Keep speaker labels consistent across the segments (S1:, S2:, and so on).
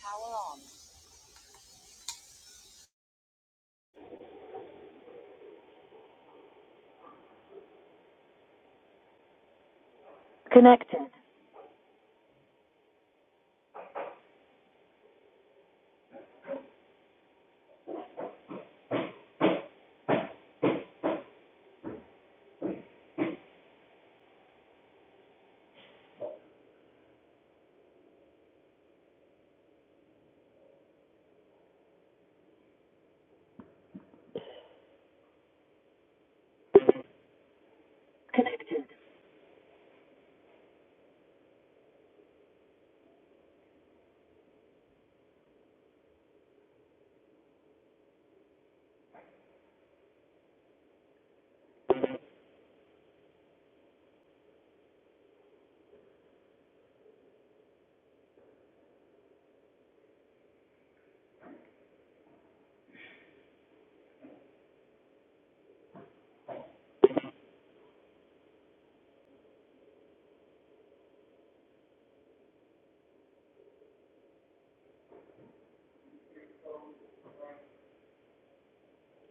S1: Power on. Connected.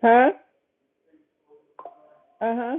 S1: Huh? Uh huh.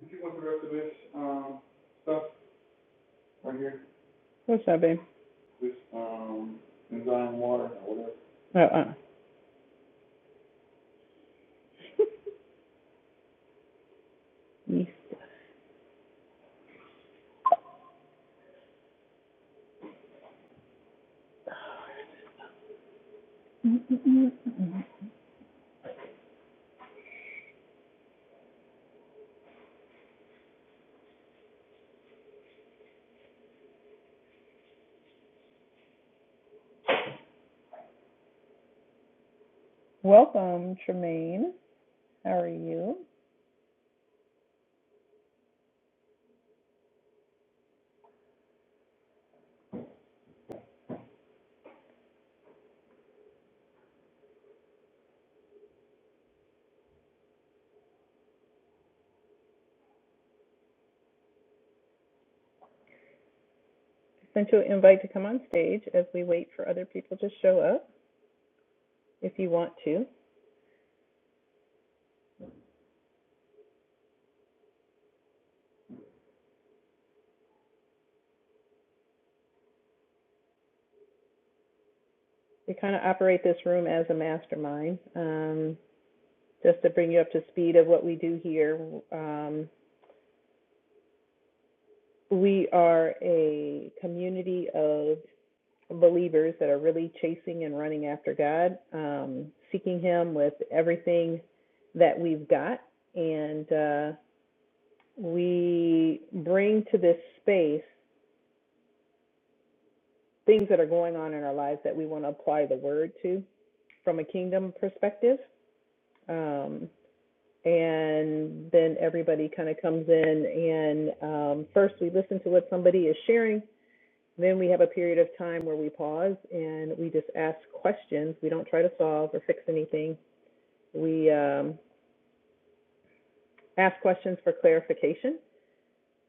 S1: Did you want the rest of this um, stuff right here? What's that, babe? This um, enzyme water or whatever? Uh uh Welcome, Tremaine. How are you? Sent you an invite to come on stage as we wait for other people to show up if you want to. We kind of operate this room as a mastermind. Um, just to bring you up to speed of what we do here, um, we are a community of believers that are really chasing and running after God, um, seeking Him with everything that we've got. And uh, we bring to this space things that are going on in our lives that we want to apply the word to from a kingdom perspective. Um, and then everybody kind of comes in, and um, first we listen to what somebody is sharing Then we have a period of time where we pause and we just ask questions. We don't try to solve or fix anything. We um, ask questions for clarification.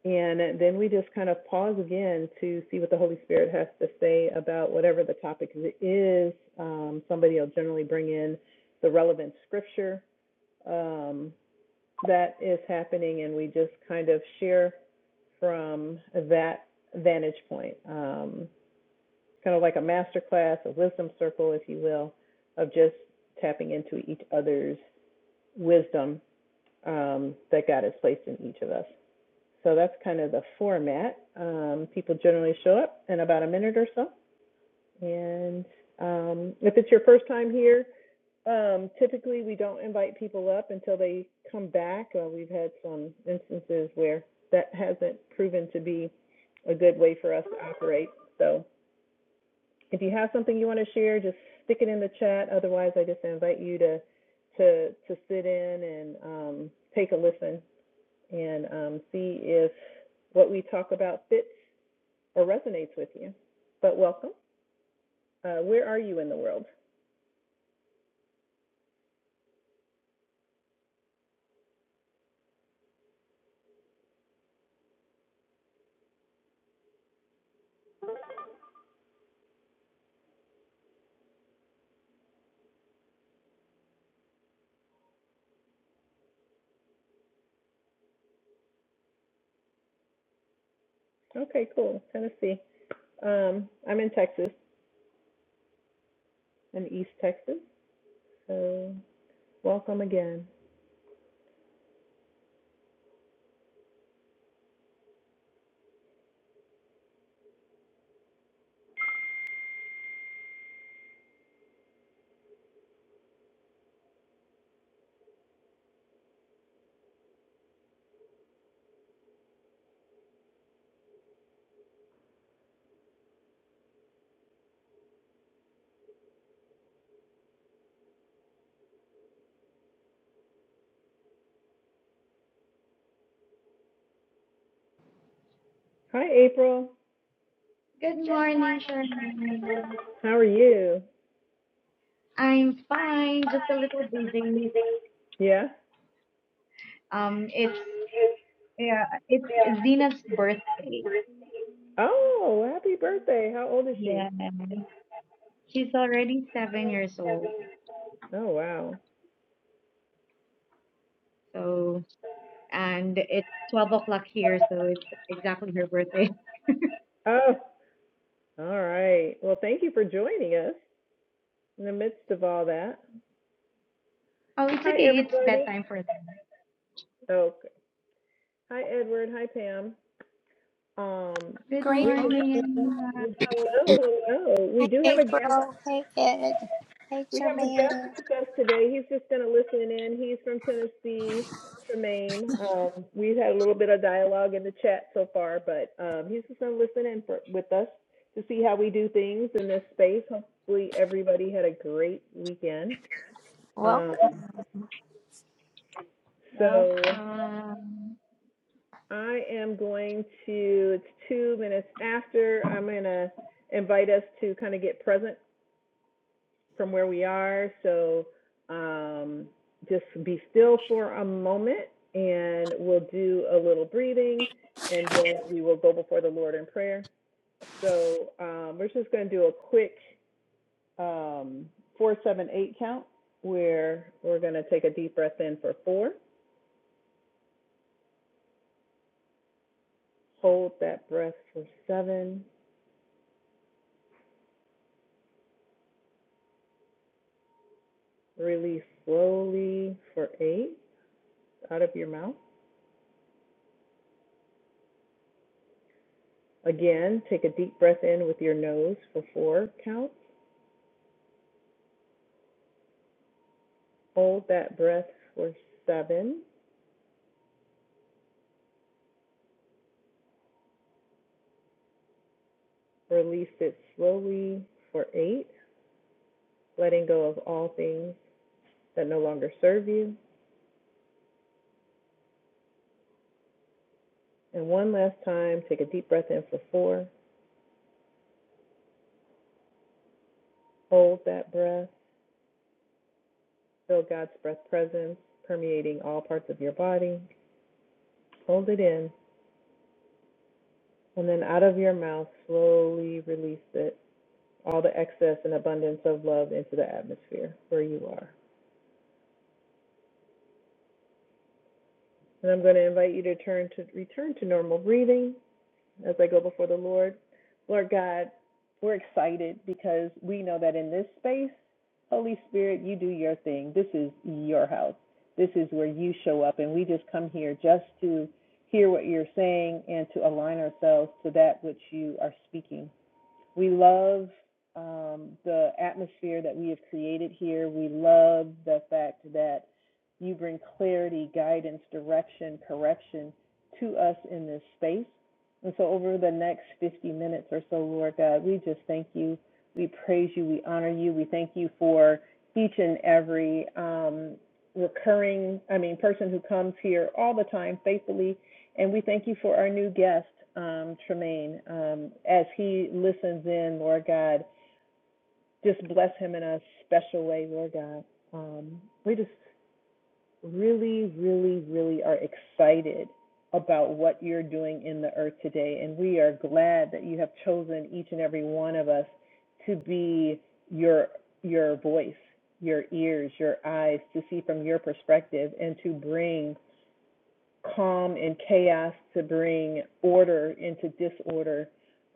S1: And then we just kind of pause again to see what the Holy Spirit has to say about whatever the topic is. Um, somebody will generally bring in the relevant scripture um, that is happening, and we just kind of share from that vantage point. Um, kind of like a master class, a wisdom circle, if you will, of just tapping into each other's wisdom um, that God has placed in each of us. So that's kind of the format. Um, people generally show up in about a minute or so. And um, if it's your first time here, um, typically we don't invite people up until they come back. Uh, we've had some instances where that hasn't proven to be a good way for us to operate. So if you have something you want to share, just stick it in the chat. Otherwise, I just invite you to to to sit in and um, take a listen and um, see if what we talk about fits or resonates with you. But welcome. Uh, where are you in the world? Okay, cool. Tennessee. Um, I'm in Texas, in East Texas. So welcome again. Hi, April.
S2: Good morning, Charmaine.
S1: How are you?
S2: I'm fine, just a little busy.
S1: Yeah.
S2: Um, it's yeah, it's Zena's birthday.
S1: Oh, happy birthday. How old is she?
S2: Yeah, she's already seven years old.
S1: Oh, wow.
S2: So, and it's twelve o'clock here, so it's exactly her birthday.
S1: Oh. All right. Well, thank you for joining us in the midst of all that.
S2: Oh, it's
S1: Hi,
S2: okay. It's
S1: everybody.
S2: bedtime for them.
S1: Okay. Hi, Edward. Hi, Pam. Um,
S2: Good
S3: Great
S1: we
S3: morning.
S2: morning. Emma.
S3: Hey,
S1: hello, hello. We do have a guest.
S3: April. Hey, Ed. Hey,
S1: We have a guest
S3: Jermaine.
S1: with us today. He's just going to listen in. He's from Tennessee, Tremaine. Um, we've had a little bit of dialogue in the chat so far, but um, he's just going to listen in for, with us to see how we do things in this space. Hopefully, everybody had a great weekend. Um,
S3: Welcome.
S1: so
S2: Welcome.
S1: I am going to, it's two minutes after, I'm gonna invite us to kind of get present from where we are, so, um, just be still for a moment, and we'll do a little breathing, and then we will go before the Lord in prayer. So, um, we're just gonna do a quick, um, four, seven, eight count, where we're gonna take a deep breath in for four, hold that breath for seven, Release slowly for eight out of your mouth. Again, take a deep breath in with your nose for four counts. Hold that breath for seven. Release it slowly for eight, letting go of all things that no longer serve you. And one last time, take a deep breath in for four. Hold that breath. Feel God's breath presence permeating all parts of your body. Hold it in. And then out of your mouth, slowly release it all the excess and abundance of love into the atmosphere where you are. And I'm going to invite you to turn to return to normal breathing as I go before the Lord. Lord God, we're excited because we know that in this space, Holy Spirit, you do your thing. This is your house. This is where you show up and we just come here just to hear what you're saying and to align ourselves to that which you are speaking. We love um, the atmosphere that we have created here. We love the fact that you bring clarity, guidance, direction, correction to us in this space. And so, over the next 50 minutes or so, Lord God, we just thank you. We praise you. We honor you. We thank you for each and every um, recurring, I mean, person who comes here all the time faithfully and we thank you for our new guest, um, Tremaine. Um, as he listens in, Lord God, just bless him in a special way, Lord God. Um, we just really, really, really are excited about what you're doing in the earth today. And we are glad that you have chosen each and every one of us to be your your voice, your ears, your eyes to see from your perspective and to bring calm and chaos to bring order into disorder,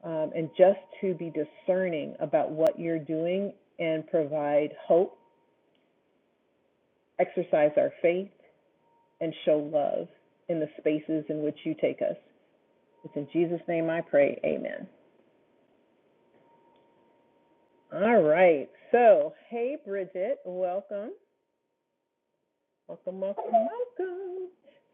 S1: um, and just to be discerning about what you're doing and provide hope, exercise our faith, and show love in the spaces in which you take us. It's in Jesus' name I pray. Amen. All right. So, hey, Bridget, welcome. Welcome, welcome, welcome.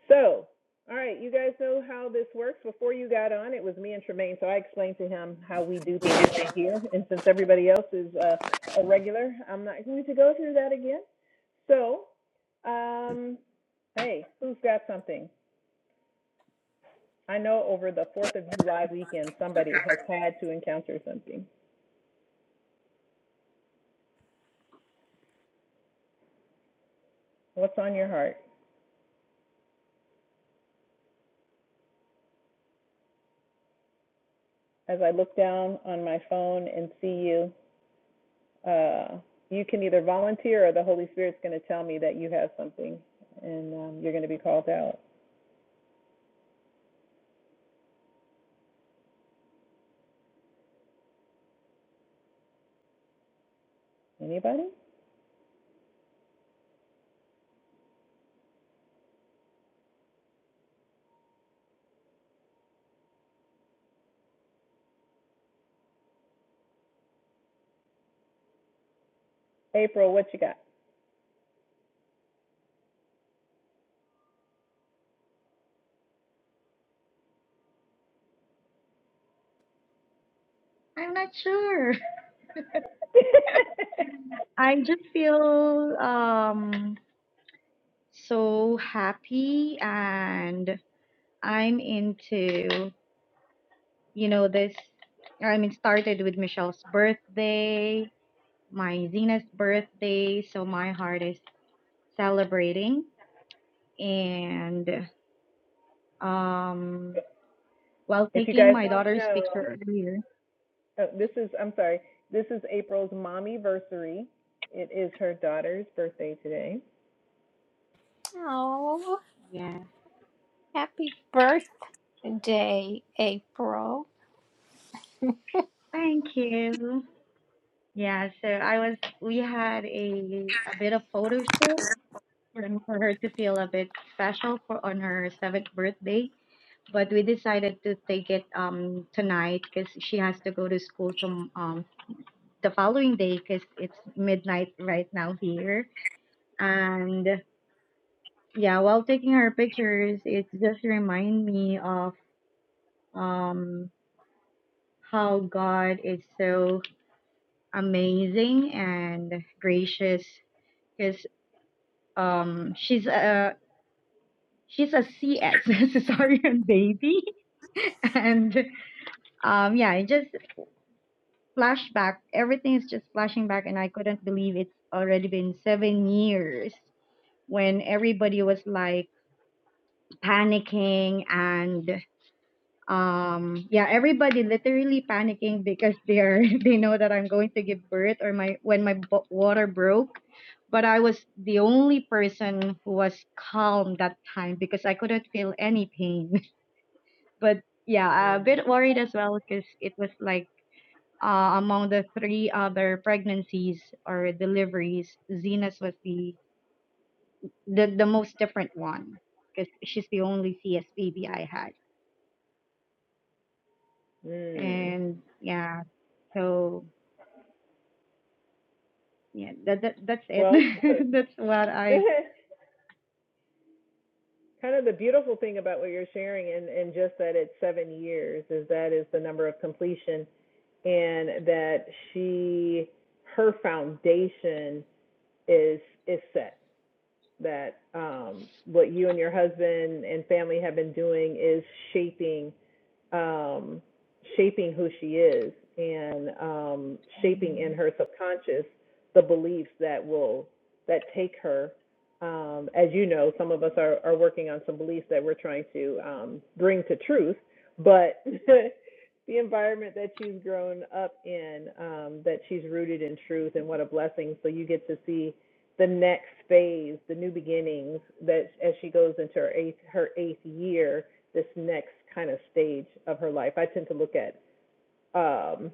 S1: So, all right, you guys know how this works. Before you got on, it was me and Tremaine, so I explained to him how we do things here. And since everybody else is uh, a regular, I'm not going to go through that again. So, um, hey, who's got something? I know over the 4th of July weekend, somebody has had to encounter something. What's on your heart? As I look down on my phone and see you, uh, you can either volunteer or the Holy Spirit's going to tell me that you have something and um, you're going to be called out. Anybody? April, what you got?
S2: I'm not sure. I just feel um so happy and I'm into, you know, this. I mean, started with Michelle's birthday, my Zena's birthday. So my heart is celebrating. And um, while
S1: if you
S2: taking
S1: guys
S2: my
S1: don't
S2: daughter's
S1: know,
S2: picture earlier,
S1: oh, this is, I'm sorry, this is April's mommy versary. It is her daughter's birthday today.
S3: Oh,
S2: yes,
S3: happy birthday, April.
S2: thank you. Yeah, so I was, we had a, a bit of photo shoot for for her to feel a bit special for on her seventh birthday but we decided to take it um tonight because she has to go to school to um the following day because it's midnight right now here and yeah while taking her pictures it just remind me of um how god is so amazing and gracious because um she's a she's a cs cesarean baby and um yeah it just flashback. Everything is just flashing back, and I couldn't believe it's already been seven years when everybody was like panicking and um yeah everybody literally panicking because they are they know that i'm going to give birth or my when my bo- water broke but i was the only person who was calm that time because i couldn't feel any pain but yeah a
S1: Mm.
S2: bit worried as well because it was like Uh, among the three other pregnancies or deliveries, Zena's was the the, the most different one because she's the only CS baby I had.
S1: Mm.
S2: And yeah, so yeah, that, that that's it.
S1: Well,
S2: that's what I
S1: kind of the beautiful thing about what you're sharing and, and just that it's seven years is that is the number of completion and that she her foundation is is set that um what you and your husband and family have been doing is shaping um, shaping who she is and um, shaping in her subconscious the beliefs that will that take her. Um, as you know, some of us are, are working on some beliefs that we're trying to um, bring to truth, but the environment that she's grown up in, um, that she's rooted in truth, and what a blessing! So you get to see the next phase, the new beginnings that as she goes into her eighth her eighth year this next kind of stage of her life. I tend to look at um,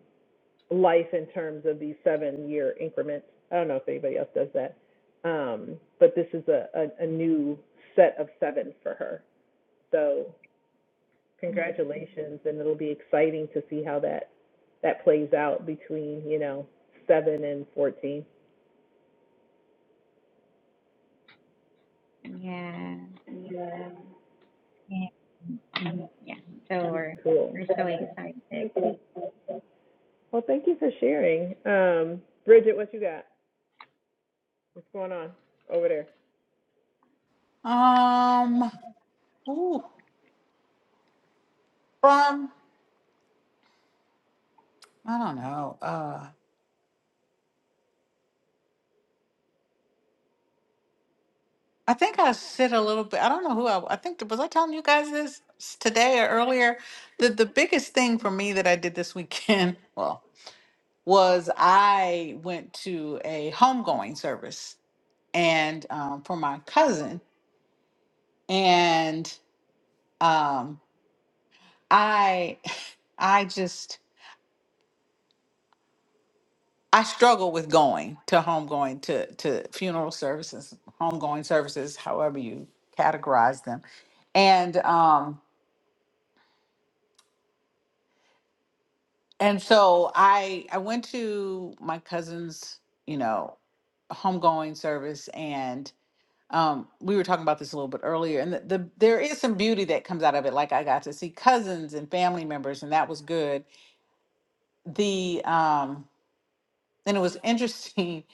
S1: life in terms of these seven year increments. I don't know if anybody else does that, um, but this is a, a, a new set of seven for her. So
S2: hmm
S1: congratulations, and it'll be exciting to see how that that plays out between you know seven and fourteen.
S2: yeah. Yeah. mhm, yeah. So we're
S1: Cool.
S2: we're so excited.
S1: Well, thank you for sharing, um, Bridget. What you got? What's going on over there?
S4: Um, ooh, from I don't know. Uh, I think I said a little bit. I don't know who I. I think was I telling you guys this s- today or earlier. The the biggest thing for me that I did this weekend, well, was I went to a homegoing service and um, for my cousin, and um, I I just I struggle with going to home, going to to funeral services, homegoing services, however you categorize them. And um and so I I went to my cousin's, you know, homegoing service and um we were talking about this a little bit earlier and the, the there is some beauty that comes out of it like I got to see cousins and family members and that was good. The um and it was interesting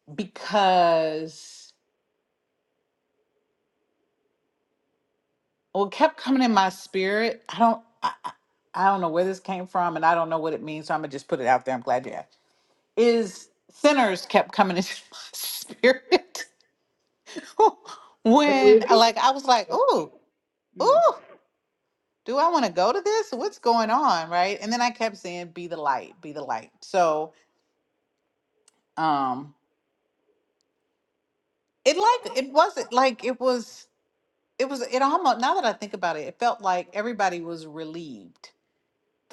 S4: because what kept coming in my spirit i don't I, I I don't know where this came from and i don't know what it means so i'm gonna just put it out there i'm glad you asked is sinners kept coming into my spirit
S1: The
S4: when
S1: movie?
S4: like i was like ooh
S1: Mm,
S4: ooh do i want to go to this what's going on right and then i kept saying be the light be the light so um it like it wasn't like it was it was it almost now that i think about it it felt like everybody was relieved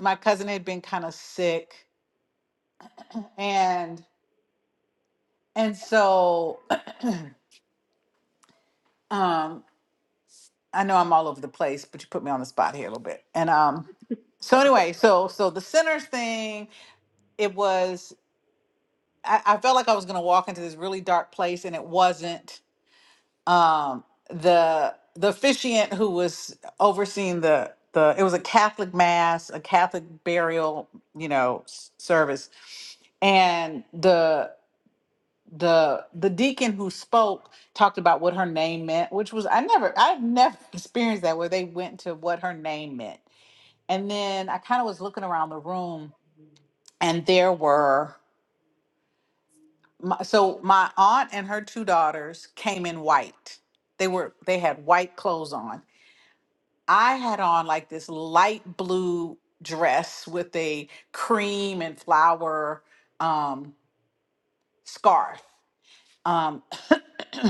S4: my cousin had been kind of sick and And so um I know I'm all over the place, but you put me on the spot here a little bit. And um so anyway, so so the sinners thing, it was I, I felt like I was gonna walk into this really dark place and it wasn't um the the officiant who was overseeing the the it was a Catholic mass, a Catholic burial, you know, s- service. And the the the deacon who spoke talked about what her name meant which was i never i've never experienced that where they went to what her name meant and then i kind of was looking around the room and there were my, so my aunt and her two daughters came in white they were they had white clothes on i had on like this light blue dress with a cream and flower um scarf um,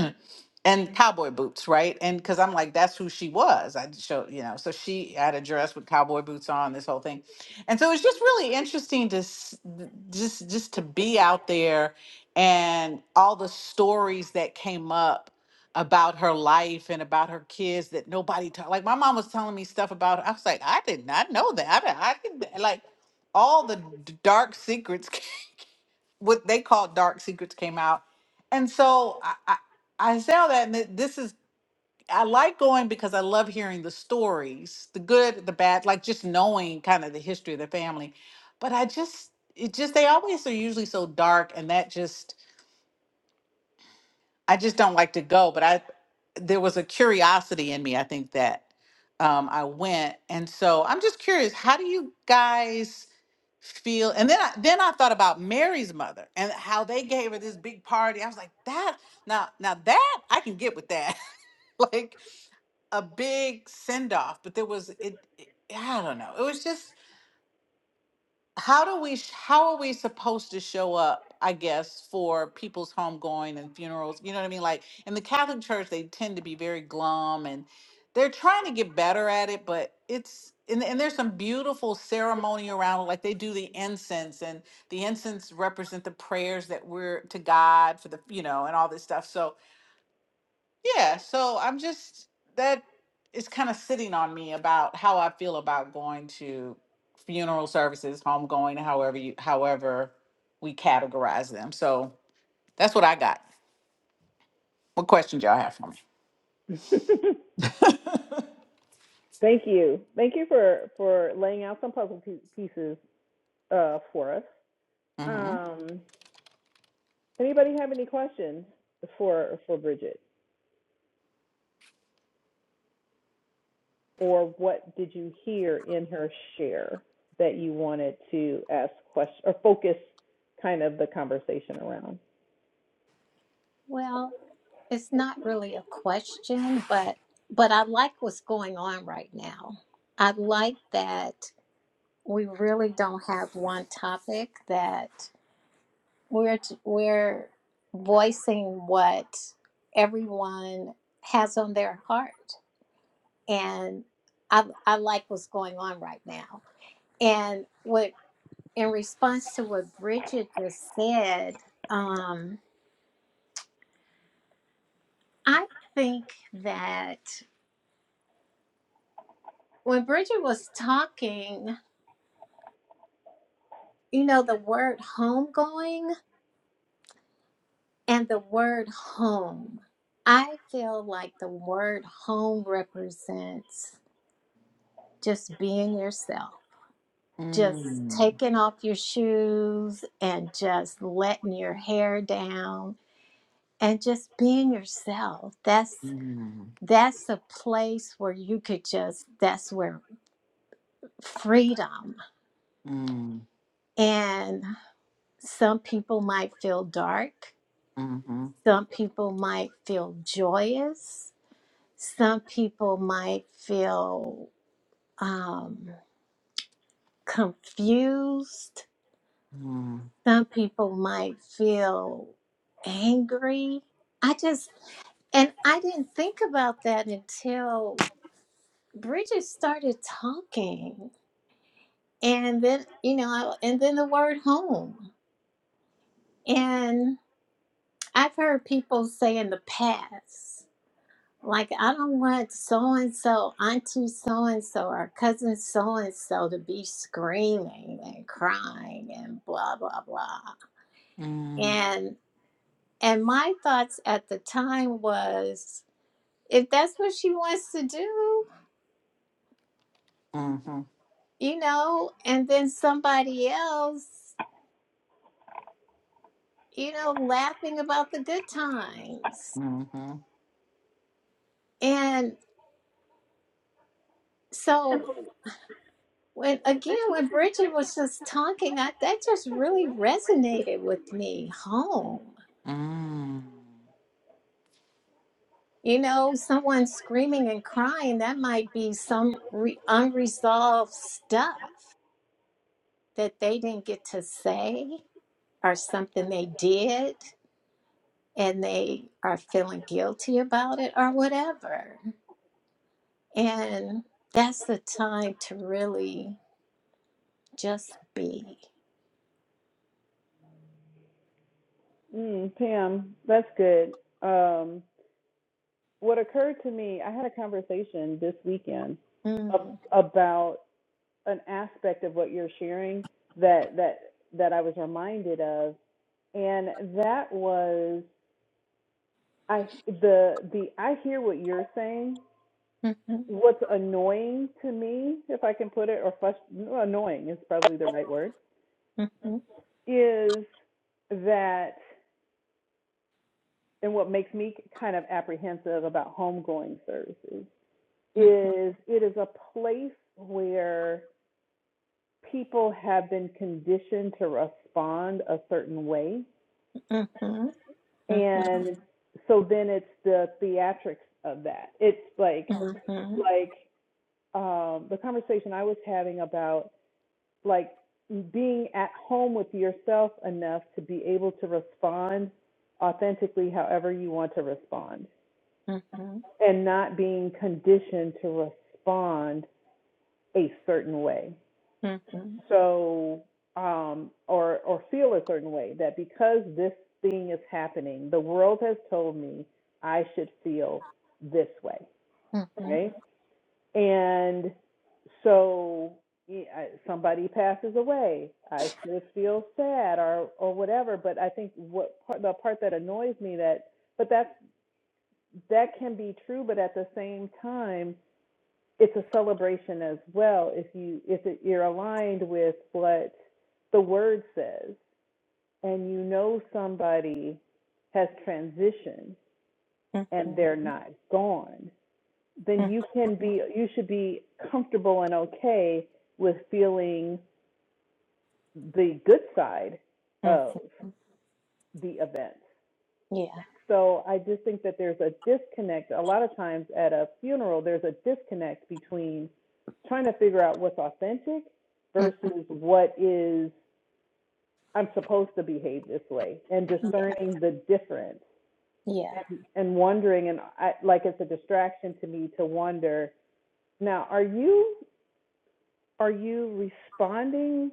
S4: and cowboy boots, right? And because I'm like, that's who she was. I showed, you know, so she had a dress with cowboy boots on, this whole thing, and so it's just really interesting to s- th- just just to be out there and all the stories that came up about her life and about her kids that nobody talked. like my mom was telling me stuff about her. I was like I did not know that I, didn't- I didn't like all the d- dark secrets what they called Dark Secrets came out. And so I, I, I say all that, and th- this is, I like going because I love hearing the stories, the good, the bad, like just knowing kind of the history of the family. But I just, it just, they always are usually so dark, and that just, I just don't like to go, but I there was a curiosity in me, I think that um I went. And so I'm just curious, how do you guys feel? And then I, then I thought about Mary's mother and how they gave her this big party. I was like, that now now that I can get with that. like a big send off, but there was it, it I don't know. It was just how do we sh- how are we supposed to show up i guess for people's homegoing and funerals you know what i mean like in the catholic church they tend to be very glum and they're trying to get better at it but it's and, and there's some beautiful ceremony around it like they do the incense and the incense represent the prayers that we're to god for the you know and all this stuff so yeah, so I'm just that is kind of sitting on me about how I feel about going to funeral services, homegoing, however you however we categorize them. So that's what I got. What questions y'all have for
S1: sorry.
S4: me?
S1: Thank you. Thank you for for laying out some puzzle pieces uh, for us.
S4: Mm-hmm.
S1: Um, anybody have any questions for for Bridget, or what did you hear in her share that you wanted to ask questions or focus kind of the conversation around?
S3: Well, it's not really a question, but but I like what's going on right now. I like that we really don't have one topic that we're we're voicing what everyone has on their heart. and I I like what's going on right now. And what in response to what Bridget just said, um, I think that when Bridget was talking, you know, the word homegoing and the word home, I feel like the word home represents just being yourself. Just
S4: Mm,
S3: taking off your shoes and just letting your hair down and just being yourself that's
S4: mm,
S3: that's a place where you could just that's where freedom
S4: mm,
S3: and some people might feel dark
S4: mm-hmm,
S3: some people might feel joyous some people might feel um, confused
S4: mm,
S3: some people might feel angry i just and i didn't think about that until bridget started talking and then you know I- and then the word home and i've heard people say in the past like i don't want so and so auntie so and so or cousin so and so to be screaming and crying and blah blah blah
S4: mm,
S3: and and my thoughts at the time was if that's what she wants to do
S4: mm-hmm,
S3: you know and then somebody else you know laughing about the good times
S4: mm-hmm,
S3: and. So when again, when Bridget was just talking, I, that just really resonated with me. Home,
S4: mm.
S3: you know, someone screaming and crying that might be some re- unresolved stuff that they didn't get to say or something they did and they are feeling guilty about it or whatever. And that's the time to really just be.
S1: Mm, Pam, that's good. Um, what occurred to me, I had a conversation this weekend of
S3: Mm.
S1: about an aspect of what you're sharing that that that I was reminded of and that was I the the I hear what you're saying.
S3: hmm
S1: What's annoying to me, if I can put it, or frust- no, annoying is probably the right word,
S3: hmm
S1: is that, and what makes me kind of apprehensive about homegoing services
S3: hmm
S1: is it is a place where people have been conditioned to respond a certain way,
S3: hmm Mm-hmm.
S1: and so then it's the theatrics of that. It's like
S3: Mm-hmm.
S1: like um, the conversation I was having about like being at home with yourself enough to be able to respond authentically however you want to respond
S3: Mm-hmm.
S1: and not being conditioned to respond a certain way.
S3: Mm-hmm.
S1: So um or or feel a certain way that because this thing is happening, the world has told me I should feel this way,
S3: Mm-hmm.
S1: right? And so somebody passes away. I should feel sad or or whatever. But I think what part, the part that annoys me that but that's that can be true. But at the same time, it's a celebration as well. If you if it, you're aligned with what the word says, and you know somebody has transitioned and they're not gone then you can
S3: Mm-hmm.
S1: be you should be comfortable and okay with feeling the good side
S3: Mm.
S1: of the event.
S3: Yeah.
S1: So I just think that there's a disconnect. A lot of times at a funeral, there's a disconnect between trying to figure out what's authentic
S3: Mm.
S1: versus what is I'm supposed to behave this way and discerning the difference
S3: Yeah.
S1: and, and wondering and I, like it's a distraction to me to wonder now are you are you responding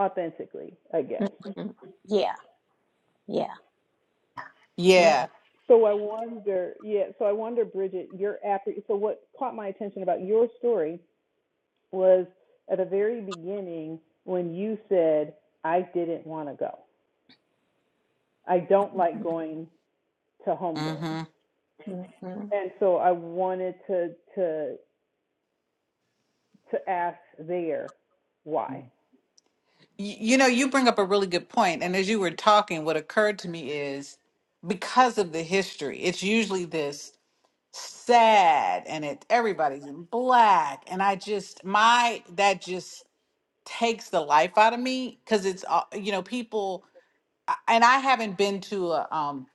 S1: authentically i guess
S3: Mm. Yeah. Yeah.
S4: Yeah.
S3: Yeah.
S1: so i wonder yeah so i wonder bridget your appre- so what caught my attention about your story was at the very beginning when you said i didn't want to go i don't like going to homegoing
S4: Mm-hmm.
S3: Mhm.
S1: and so i wanted to to to ask there why
S4: Y- You know, you bring up a really good point, and as you were talking, what occurred to me is because of the history, it's usually this sad, and it everybody's in black, and I just my that just takes the life out of me because it's uh, you know people, I- and I haven't been to a um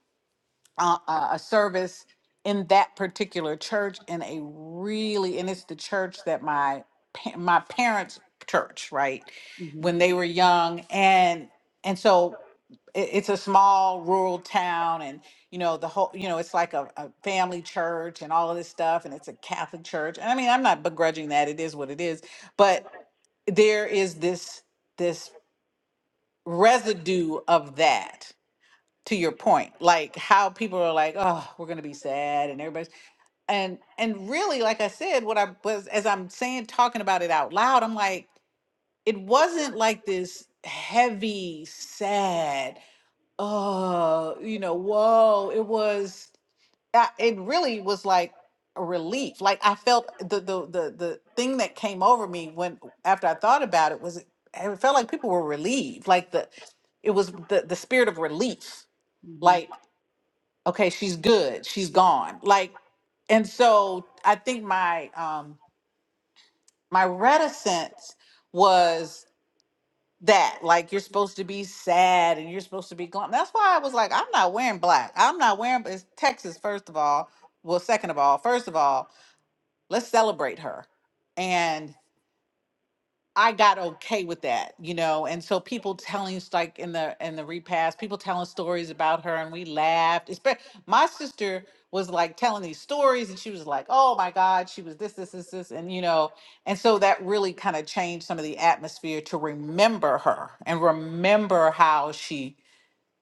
S4: uh, uh, a service in that particular church in a really and it's the church that my pa- my parents church right
S1: mhm
S4: when they were young and and so it, it's a small rural town and you know the whole you know it's like a, a family church and all of this stuff and it's a catholic church and i mean i'm not begrudging that it is what it is but there is this this residue of that to your point like how people are like oh we're going to be sad and everybody's and and really like i said what i was as i'm saying talking about it out loud i'm like it wasn't like this heavy sad oh you know whoa it was I- it really was like a relief like i felt the the the the thing that came over me when after i thought about it was it felt like people were relieved like the it was the the spirit of relief
S1: mhm
S4: like okay she's good she's gone like and so i think my um my reticence was that like you're supposed to be sad and you're supposed to be glum that's why i was like i'm not wearing black i'm not wearing it's texas first of all well second of all first of all let's celebrate her and I got okay with that, you know. And so people telling us like in the in the repast, people telling stories about her, and we laughed. Espe- my sister was like telling these stories, and she was like, "Oh my God, she was this, this, this, this," and you know. And so that really kind of changed some of the atmosphere to remember her and remember how she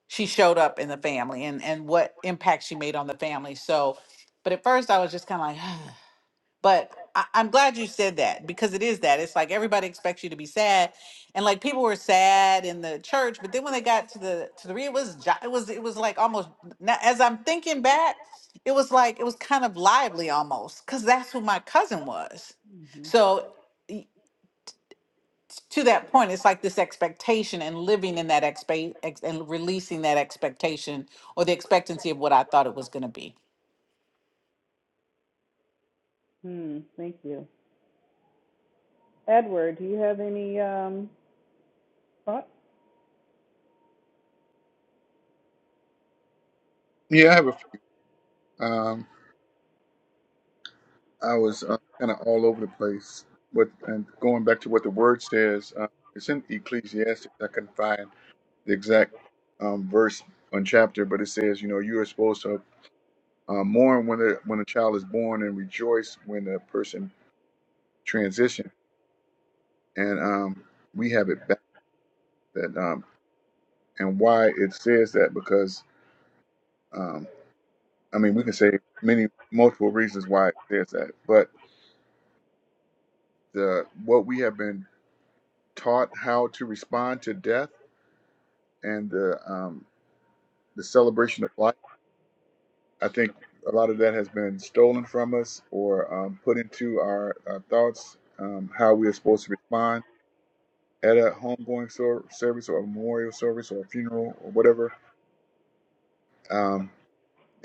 S4: she showed up in the family and and what impact she made on the family. So, but at first I was just kind of like. But I, I'm glad you said that because it is that. It's like everybody expects you to be sad, and like people were sad in the church, but then when they got to the to the re- it was jo- it was it was like almost now, as I'm thinking back, it was like it was kind of lively almost because that's who my cousin was.
S1: mhm
S4: So y- to that point, it's like this expectation and living in that expe- ex- and releasing that expectation or the expectancy of what I thought it was going to be.
S1: hmm thank you edward do you have any um thoughts
S5: Yeah, I have a. few. Um, I was uh, kind of all over the place, but and going back to what the word says, uh, it's in Ecclesiastes. I can find the exact um, verse and chapter, but it says, you know, you are supposed to uh, mourn when the when a child is born and rejoice when a person transitions. And um, we have it back that, um, and why it says that because um, I mean, we can say many multiple reasons why it says that, but the what we have been taught how to respond to death and the um, the celebration of life. I think a lot of that has been stolen from us or um, put into our, our thoughts um, how we are supposed to respond at a homegoing sor- service or a memorial service or a funeral or whatever. Um,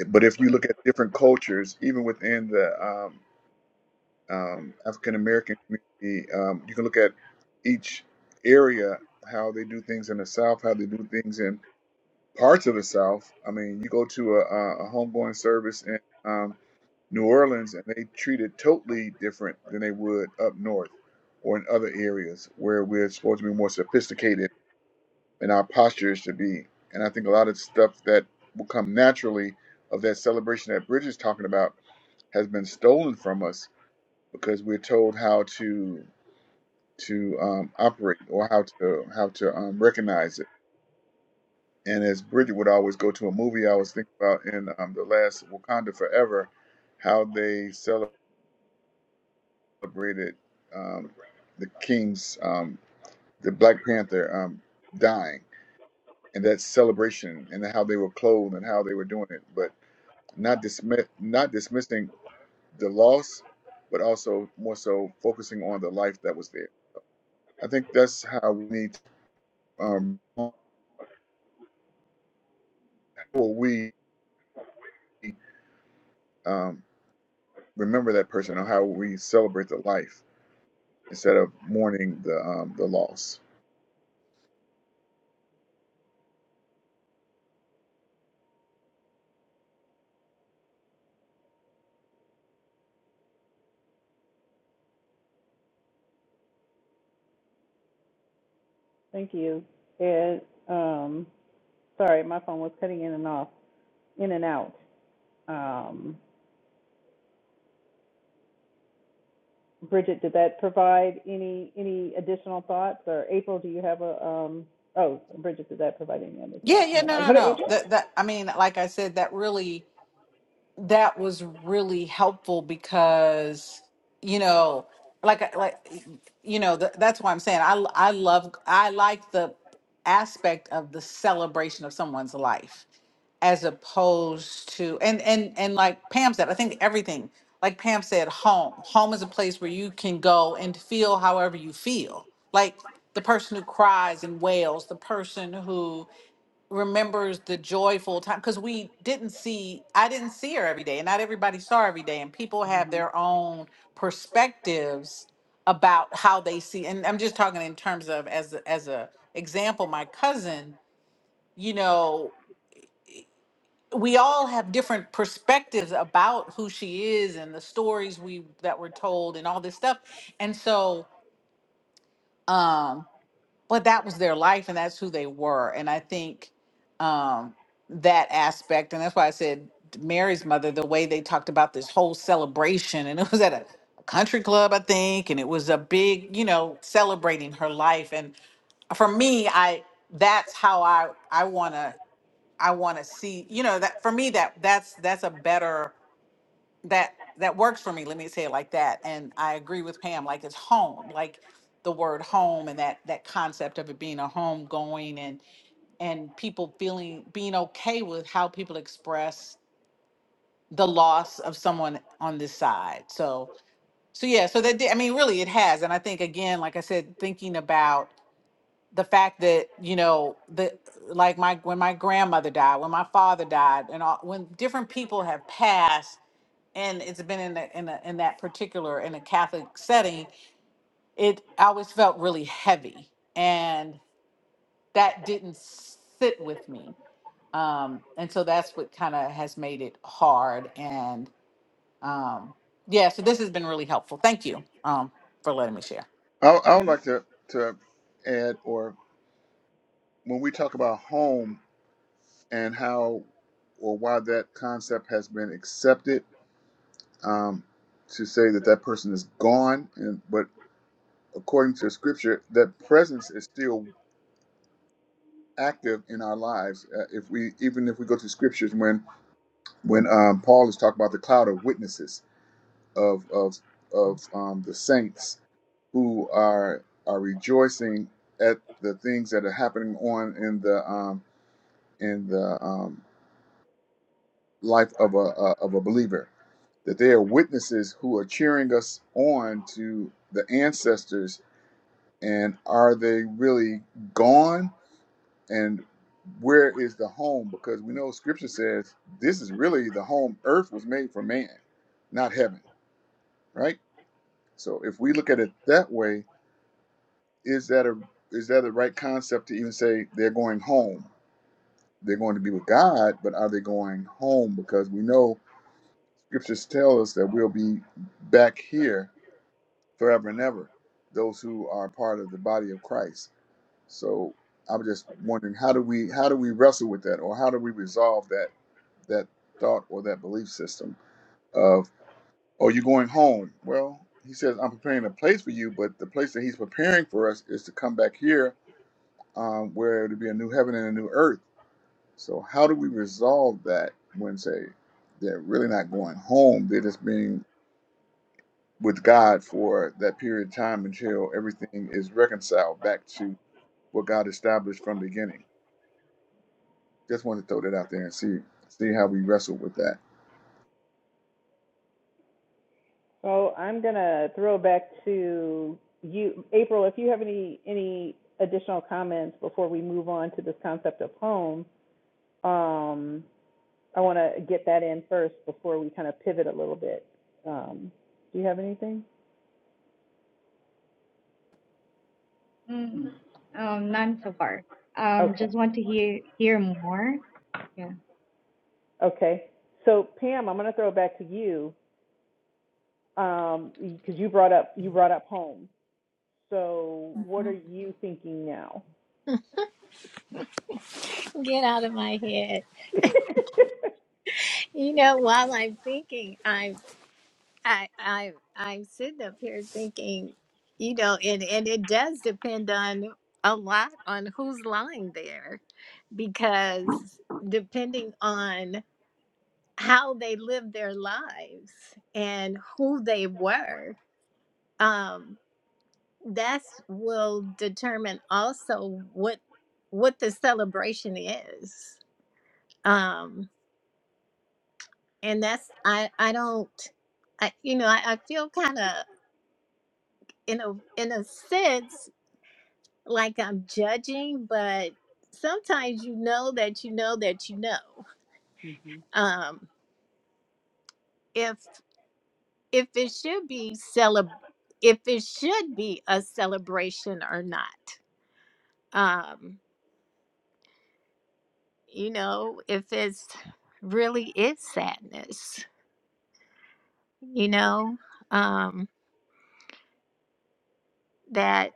S5: but if you look at different cultures, even within the um, um, African American community, um, you can look at each area how they do things in the South, how they do things in. parts of the South. I mean, you go to a, a a homegoing service in um, New Orleans, and they treat it totally different than they would up north or in other areas where we're supposed to be more sophisticated and our posture should be. And I think a lot of stuff that will come naturally of that celebration that Bridget's talking about has been stolen from us because we're told how to to um, operate or how to how to um, recognize it And as Bridget would always go to a movie, I was thinking about in um, the last Wakanda Forever, how they celebrated um, the king's, um, the Black Panther um, dying, and that celebration, and how they were clothed and how they were doing it, but not dismiss, not dismissing the loss, but also more so focusing on the life that was there. I think that's how we need. To, um, how will we um, remember that person, or how will we celebrate the life? instead of mourning the um, the loss.
S1: Thank you. Ed, um, sorry, my phone was cutting in and off, in and out. Um, Bridget, did that provide any, any additional thoughts? Or April, do you have a, um, oh, Bridget, did that provide any other thoughts?
S4: Yeah,
S1: And
S4: yeah,
S1: then
S4: no,
S1: I'll
S4: no,
S1: go to
S4: no.
S1: April.
S4: That that I mean, like I said, that really that was really helpful because you know, like uh, like you know, th that's why I'm saying I I love I like the aspect of the celebration of someone's life. as opposed to and and and like Pam said, I think everything like Pam said, home. Home is a place where you can go and feel however you feel. Like the person who cries and wails, the person who remembers the joyful time because we didn't see I didn't see her every day and not everybody saw her every day and people have
S1: Mm-hmm.
S4: their own perspectives about how they see and I'm just talking in terms of as a, as a example my cousin you know we all have different perspectives about who she is and the stories we that were told and all this stuff and so um but that was their life and that's who they were and i think um that aspect and that's why i said mary's mother the way they talked about this whole celebration and it was at a a country club i think and it was a big you know celebrating her life and for me i that's how i i want to I want to see, you know, that for me that that's that's a better that that works for me. Let me say it like that. And I agree with Pam. Like it's home, like the word home and that that concept of it being a home going and and people feeling being okay with how people express the loss of someone on this side. So so yeah, so that did- I mean really it has. And I think again, like I said, thinking about the fact that you know the like my when my grandmother died when my father died and all, when different people have passed and it's been in the, in, the, in that particular in a catholic setting it I always felt really heavy and that didn't sit with me um and so that's what kind of has made it hard and um yeah so this has been really helpful thank you um for letting me share
S5: I, I would like to to add, or when we talk about home and how or why that concept has been accepted, um, to say that that person is gone, and but according to Scripture, that presence is still active in our lives. Uh, if we even if we go to Scriptures, when when um, Paul is talking about the cloud of witnesses of of of um, the saints who are are rejoicing at the things that are happening on in the um, in the um, life of a uh, of a believer. That they are witnesses who are cheering us on to the ancestors. And are they really gone? And where is the home? Because we know Scripture says this is really the home. Earth was made for man, not heaven, right? So if we look at it that way, is that a is that the right concept to even say they're going home? They're going to be with God, but are they going home? Because we know scriptures tell us that we'll be back here forever and ever. Those who are part of the body of Christ. So I'm just wondering how do we how do we wrestle with that, or how do we resolve that that thought or that belief system of oh you're going home? Well, he says I'm preparing a place for you, but the place that he's preparing for us is to come back here um, where to be a new heaven and a new earth. So how do we resolve that when say they're really not going home? They're just being with God for that period of time until everything is reconciled back to what God established from the beginning. Just wanted to throw that out there and see see how we wrestle with that.
S1: So I'm gonna throw back to you, April, if you have any, any additional comments before we move on to this concept of home. Um, I want to get that in first before we kind of pivot a little bit. Um, do you have anything?
S2: Mm, um, none so far. Um,
S1: Okay.
S2: just want to hear hear more. Yeah.
S1: Okay. So Pam, I'm going to throw it back to you because um, you brought up you brought up home. So what are
S3: Mhm.
S1: you thinking now?
S3: Get out of my head. You know, while I'm thinking, I'm I I I'm sitting up here thinking, you know, and and it does depend on a lot on who's lying there because depending on how they lived their lives and who they were um that's will determine also what what the celebration is um and that's i i don't i you know i, I feel kind of in a in a sense like i'm judging but sometimes you know that you know that you know
S1: hmm
S3: um if if it should be celeb if it should be a celebration or not um you know if it's really is sadness you know um that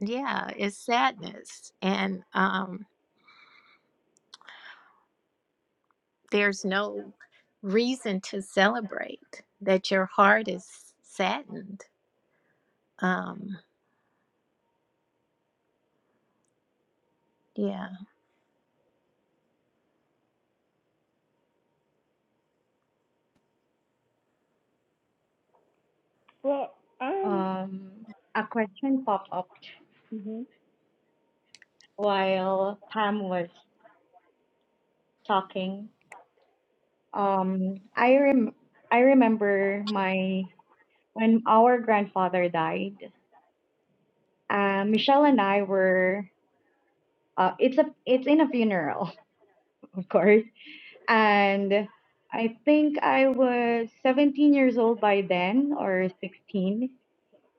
S3: yeah it's sadness and um there's no reason to celebrate that your heart is saddened um yeah
S1: Well, um,
S2: Um, a question popped up.
S1: hmm
S2: while Pam was talking, um, I rem- I remember my when our grandfather died. Uh, Michelle and I were uh, it's a it's in a funeral, of course, and I think I was 17 years old by then or 16.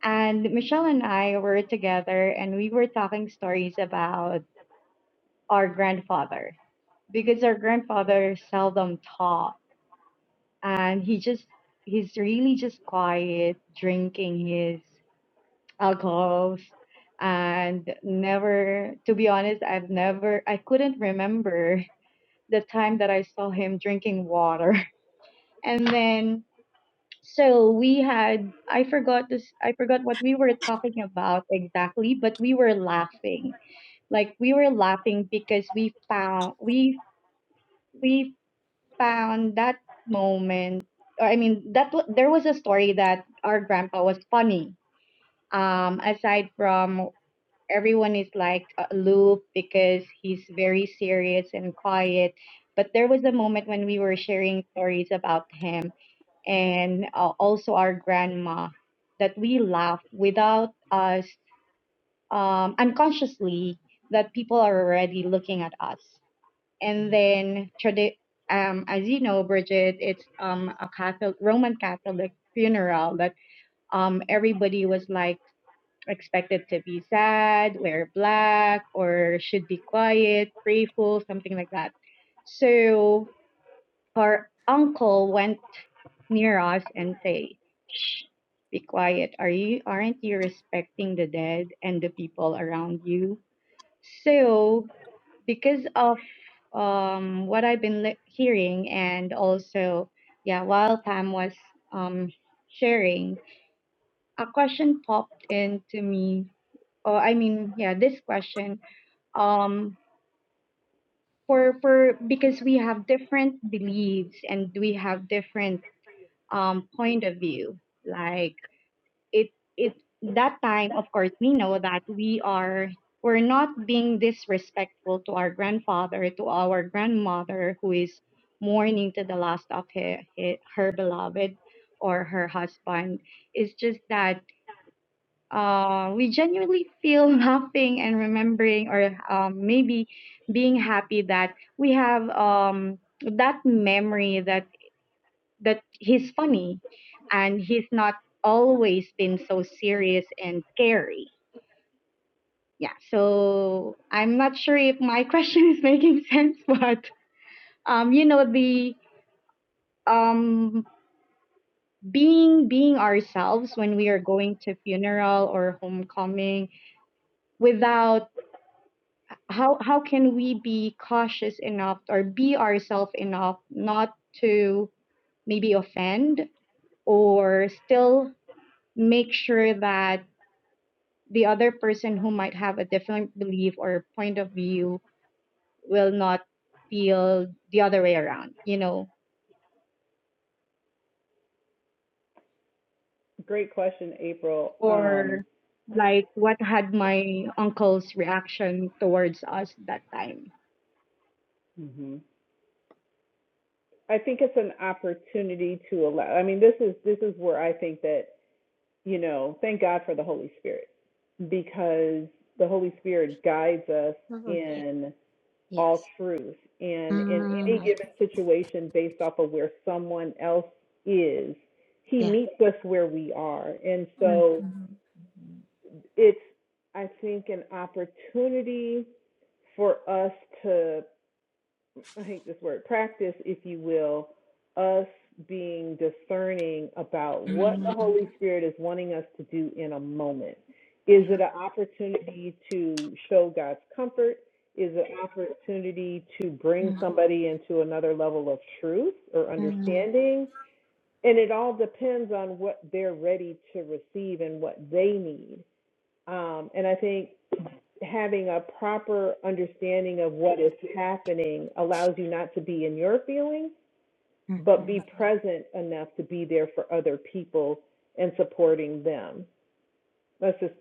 S2: And Michelle and I were together, and we were talking stories about our grandfather because our grandfather seldom talked and he just he's really just quiet drinking his alcohols and never to be honest i've never i couldn't remember the time that i saw him drinking water and then so we had i forgot this i forgot what we were talking about exactly but we were laughing like we were laughing because we found we we found that moment, or I mean, that wa- there was a story that our grandpa was funny. Um, aside from everyone is like uh, aloof because he's very serious and quiet, but there was a moment when we were sharing stories about him and uh, also our grandma that we laugh without us um, unconsciously that people are already looking at us and then tradi- um, as you know, Bridget, it's um, a Catholic Roman Catholic funeral that um, everybody was like expected to be sad, wear black, or should be quiet, prayful, something like that. So her uncle went near us and say, "Shh, be quiet. Are you aren't you respecting the dead and the people around you?" So because of um, what I've been li- hearing, and also, yeah, while Pam was um, sharing, a question popped into me. oh I mean, yeah, this question. Um, for for because we have different beliefs and we have different um point of view. Like it it that time of course we know that we are we're not being disrespectful to our grandfather to our grandmother who is mourning to the last of her, her, her beloved or her husband it's just that uh, we genuinely feel laughing and remembering or um, maybe being happy that we have um, that memory that that he's funny and he's not always been so serious and scary. Yeah, so I'm not sure if my question is making sense, but um, you know, the um being being ourselves when we are going to funeral or homecoming without how how can we be cautious enough or be ourselves enough not to maybe offend or still make sure that the other person who might have a different belief or point of view will not feel the other way around, you know,
S1: great question, April. Um,
S2: or like what had my uncle's reaction towards us that time.
S1: hmm I think it's an opportunity to allow. I mean, this is this is where I think that you know, thank God for the Holy Spirit because the Holy Spirit guides us
S3: Oh, yeah,
S1: in all
S3: yes.
S1: truth. And in any
S3: Mm,
S1: given situation, based off of where someone else is, He
S3: yeah.
S1: meets us where we are. And
S3: Mm,
S1: so
S3: mm,
S1: it's, I think, an opportunity for us to I hate this word, practice, if you will, us being discerning about what the
S3: mm,
S1: Holy Spirit is wanting us to do in a moment. Is
S3: yeah.
S1: it an opportunity to show God's comfort? Is it an opportunity to bring
S3: Mm,
S1: somebody into another level of truth or
S3: mm,
S1: understanding? And it all depends on what they're ready to receive and what they need. Um, and I think having a proper understanding of what is happening allows you not to be in your feelings,
S3: mm,
S1: but be
S3: mm,
S1: present enough to be there for other people and supporting them. That's just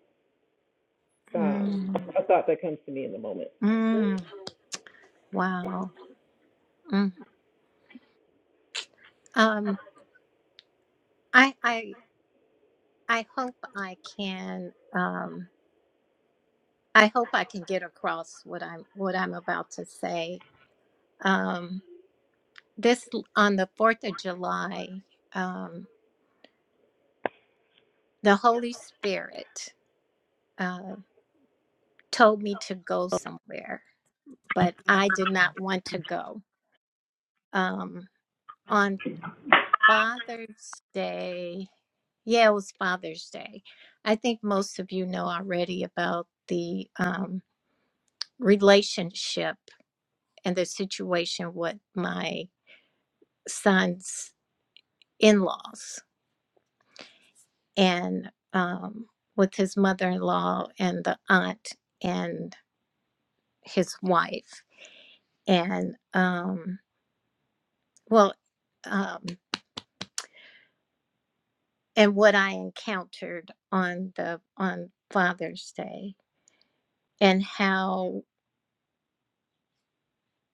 S1: um,
S3: mm,
S1: a thought that comes to me in the moment.
S3: mm. Wow. Mm. Um, I, I, I hope I can. Um, I hope I can get across what I'm, what I'm about to say. Um, this on the 4th of July, um, the Holy Spirit uh, told me to go somewhere, but I did not want to go. Um, on Father's Day, yeah, it was Father's Day. I think most of you know already about the um, relationship and the situation with my son's in laws. and um, with his mother-in-law and the aunt and his wife and um, well um, and what i encountered on the on father's day and how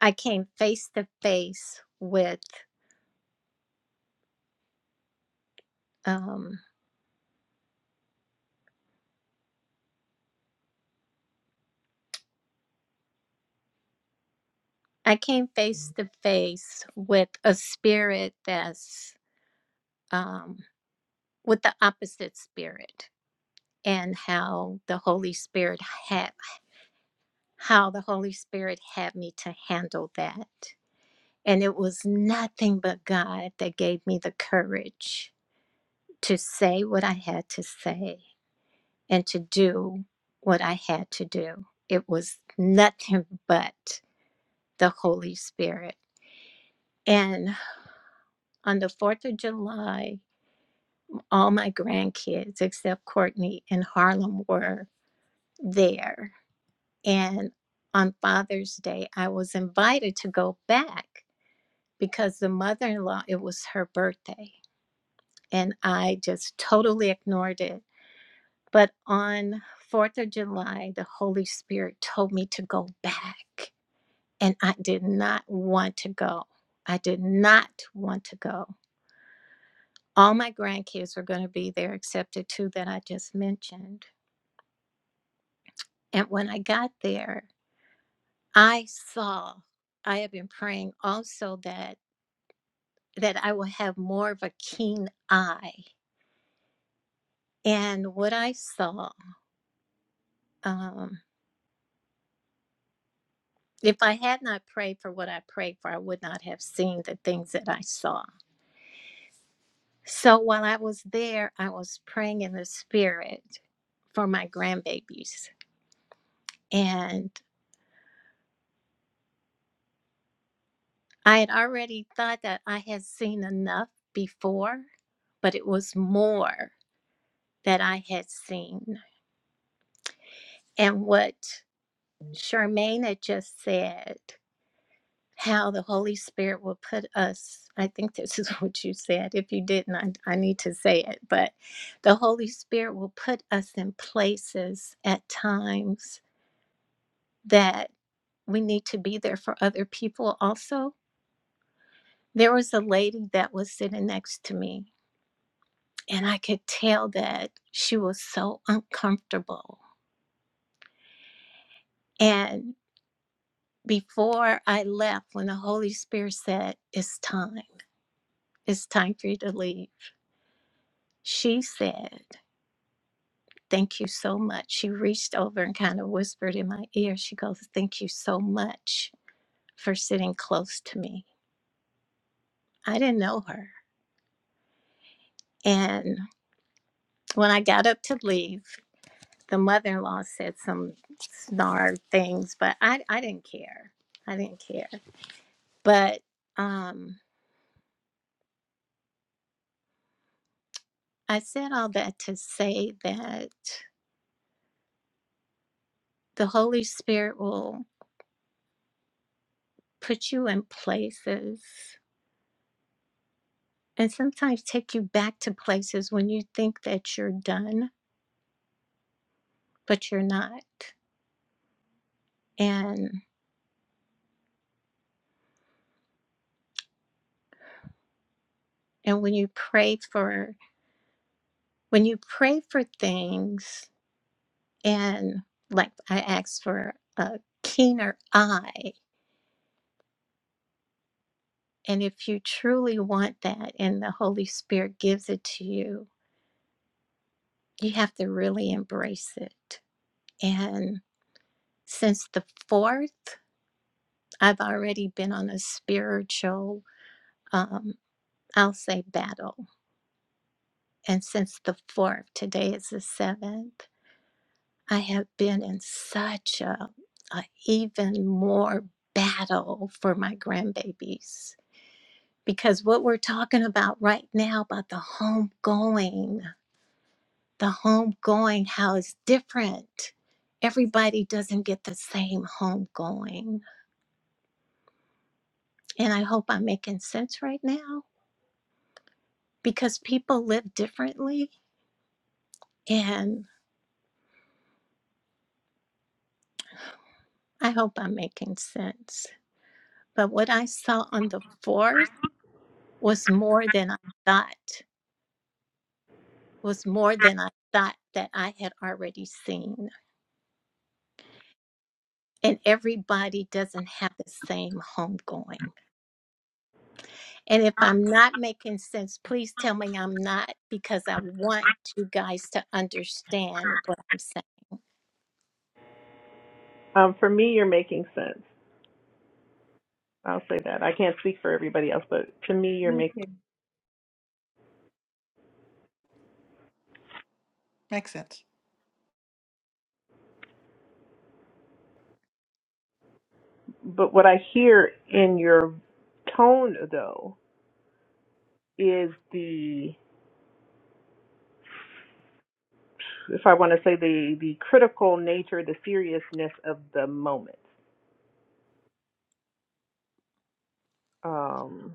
S3: i came face to face with um, i came face to face with a spirit that's um, with the opposite spirit and how the holy spirit had how the Holy Spirit had me to handle that. And it was nothing but God that gave me the courage to say what I had to say and to do what I had to do. It was nothing but the Holy Spirit. And on the 4th of July, all my grandkids, except Courtney and Harlem, were there. And on Father's Day, I was invited to go back because the mother in law, it was her birthday, and I just totally ignored it. But on 4th of July, the Holy Spirit told me to go back, and I did not want to go. I did not want to go. All my grandkids were going to be there except the two that I just mentioned. And when I got there, I saw, I have been praying also that that I will have more of a keen eye. And what I saw Um, if I had not prayed for what I prayed for, I would not have seen the things that I saw. So while I was there, I was praying in the spirit for my grandbabies. And I had already thought that I had seen enough before, but it was more that I had seen. And what Charmaine had just said how the Holy Spirit will put us. I think this is what you said. If you didn't, I, I need to say it. But the Holy Spirit will put us in places at times that we need to be there for other people also. There was a lady that was sitting next to me, and I could tell that she was so uncomfortable. And before I left, when the Holy Spirit said, It's time, it's time for you to leave, she said, Thank you so much. She reached over and kind of whispered in my ear. She goes, Thank you so much for sitting close to me. I didn't know her. And when I got up to leave, the mother in law said some snarl things, but I, I didn't care. I didn't care. But um, I said all that to say that the Holy Spirit will put you in places and sometimes take you back to places when you think that you're done but you're not. And and when you pray for when you pray for things and like I asked for a keener eye, and if you truly want that and the Holy Spirit gives it to you, you have to really embrace it. And since the fourth, I've already been on a spiritual um I'll say battle. And since the fourth, today is the seventh, I have been in such a, a even more battle for my grandbabies because what we're talking about right now about the home going, the homegoing, how it's different. Everybody doesn't get the same home going, And I hope I'm making sense right now because people live differently. And I hope I'm making sense. But what I saw on the fourth was more than I thought was more than I thought that I had already seen. And everybody doesn't have the same homegoing. And if I'm not making sense, please tell me I'm not because I want you guys to understand what I'm saying.
S1: Um, I'll say that. I can't anybody else, but to me, you're
S2: Me
S1: making.
S2: too.
S4: Makes sense.
S1: But what I hear in your tone, though, is the, if I want to say the the critical nature, the seriousness of the moment. Um,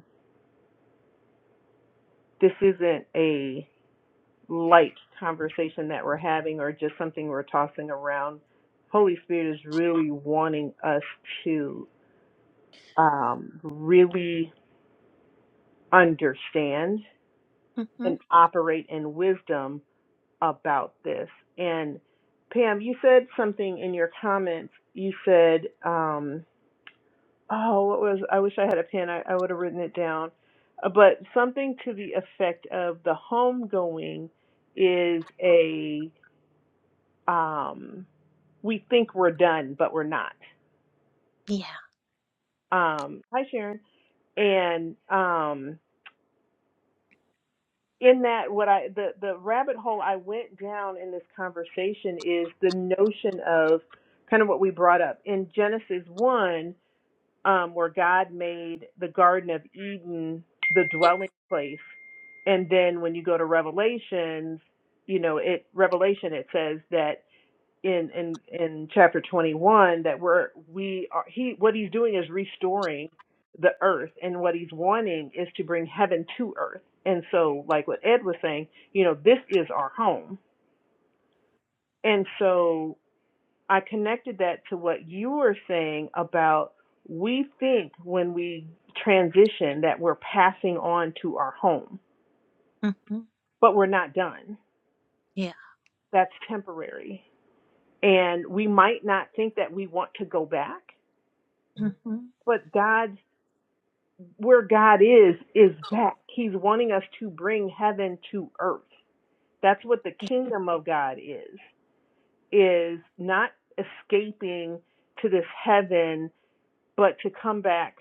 S1: this isn't a light conversation that we're having or just something we're tossing around. Holy Spirit is really wanting us to um, really understand
S3: hmm
S1: and operate in wisdom about this. And Pam, you said something in your comments. You said, um, oh, what was, I wish I had a pen. I, I would have written it down. Uh, But something to the effect of the homegoing is a um, we think we're done, but we're not.
S3: Yeah.
S1: Um, hi, Sharon. And um, in that, what I the the rabbit hole I went down in this conversation is the notion of kind of what we brought up in Genesis one, um, where God made the Garden of Eden the dwelling place, and then when you go to Revelations, you know, it Revelation it says that. in in in chapter 21 that we're we are he what he's doing is restoring the earth and what he's wanting is to bring heaven to earth and so like what ed was saying you know this is our home and so i connected that to what you were saying about we think when we transition that we're passing on to our home
S3: hmm
S1: but we're not done
S3: Yeah.
S1: that's temporary and we might not think that we want to go back
S3: hmm
S1: but God's where God is is back. He's wanting us to bring heaven to earth. That's what the
S3: Yeah.
S1: kingdom of God is is not escaping to this heaven, but to come back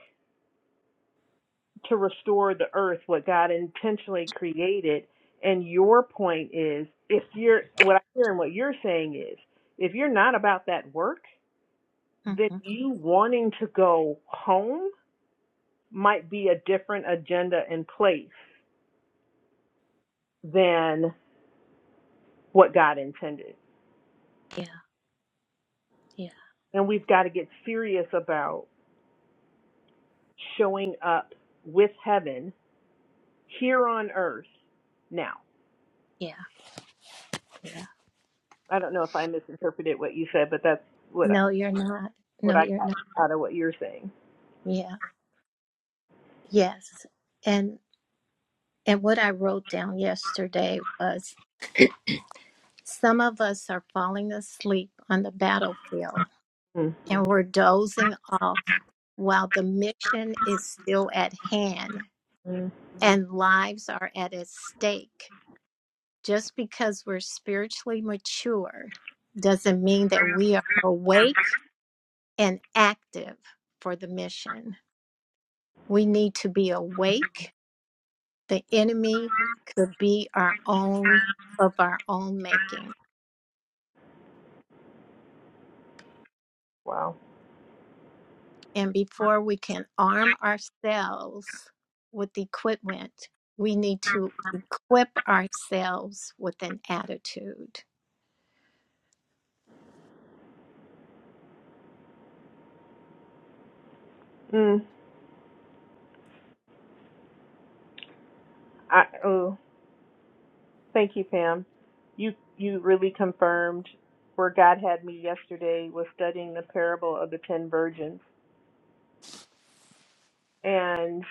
S1: to restore the earth what God intentionally created. And your point is if you're what I hear and what you're saying is if you're not about that work, then
S3: hmm
S1: you wanting to go home might be a different agenda in place than. what God intended.
S3: Yeah. Yeah.
S1: And we've got to get serious about showing up with heaven here on earth now.
S3: Yeah. Yeah.
S1: I don't know if I misinterpreted what you said, but that's what I,
S3: No, you're not.
S1: what
S3: No,
S1: I
S3: you're
S1: got
S3: not.
S1: out of what you're saying.
S3: Yeah. Yes. And and what I wrote down yesterday was Some of us are falling asleep on the battlefield
S1: Mm.
S3: and we're dozing off while the mission is still at hand
S1: Mm.
S3: and lives are at its stake. Just because we're spiritually mature doesn't mean that we are awake and active for the mission. We need to be awake. The enemy could be our own of our own making.
S1: Wow.
S3: And before we can arm ourselves with equipment, we need to equip ourselves with an attitude.
S1: Mm. I, oh, thank you, Pam. You you really confirmed where God had me yesterday was studying the parable of the ten virgins, and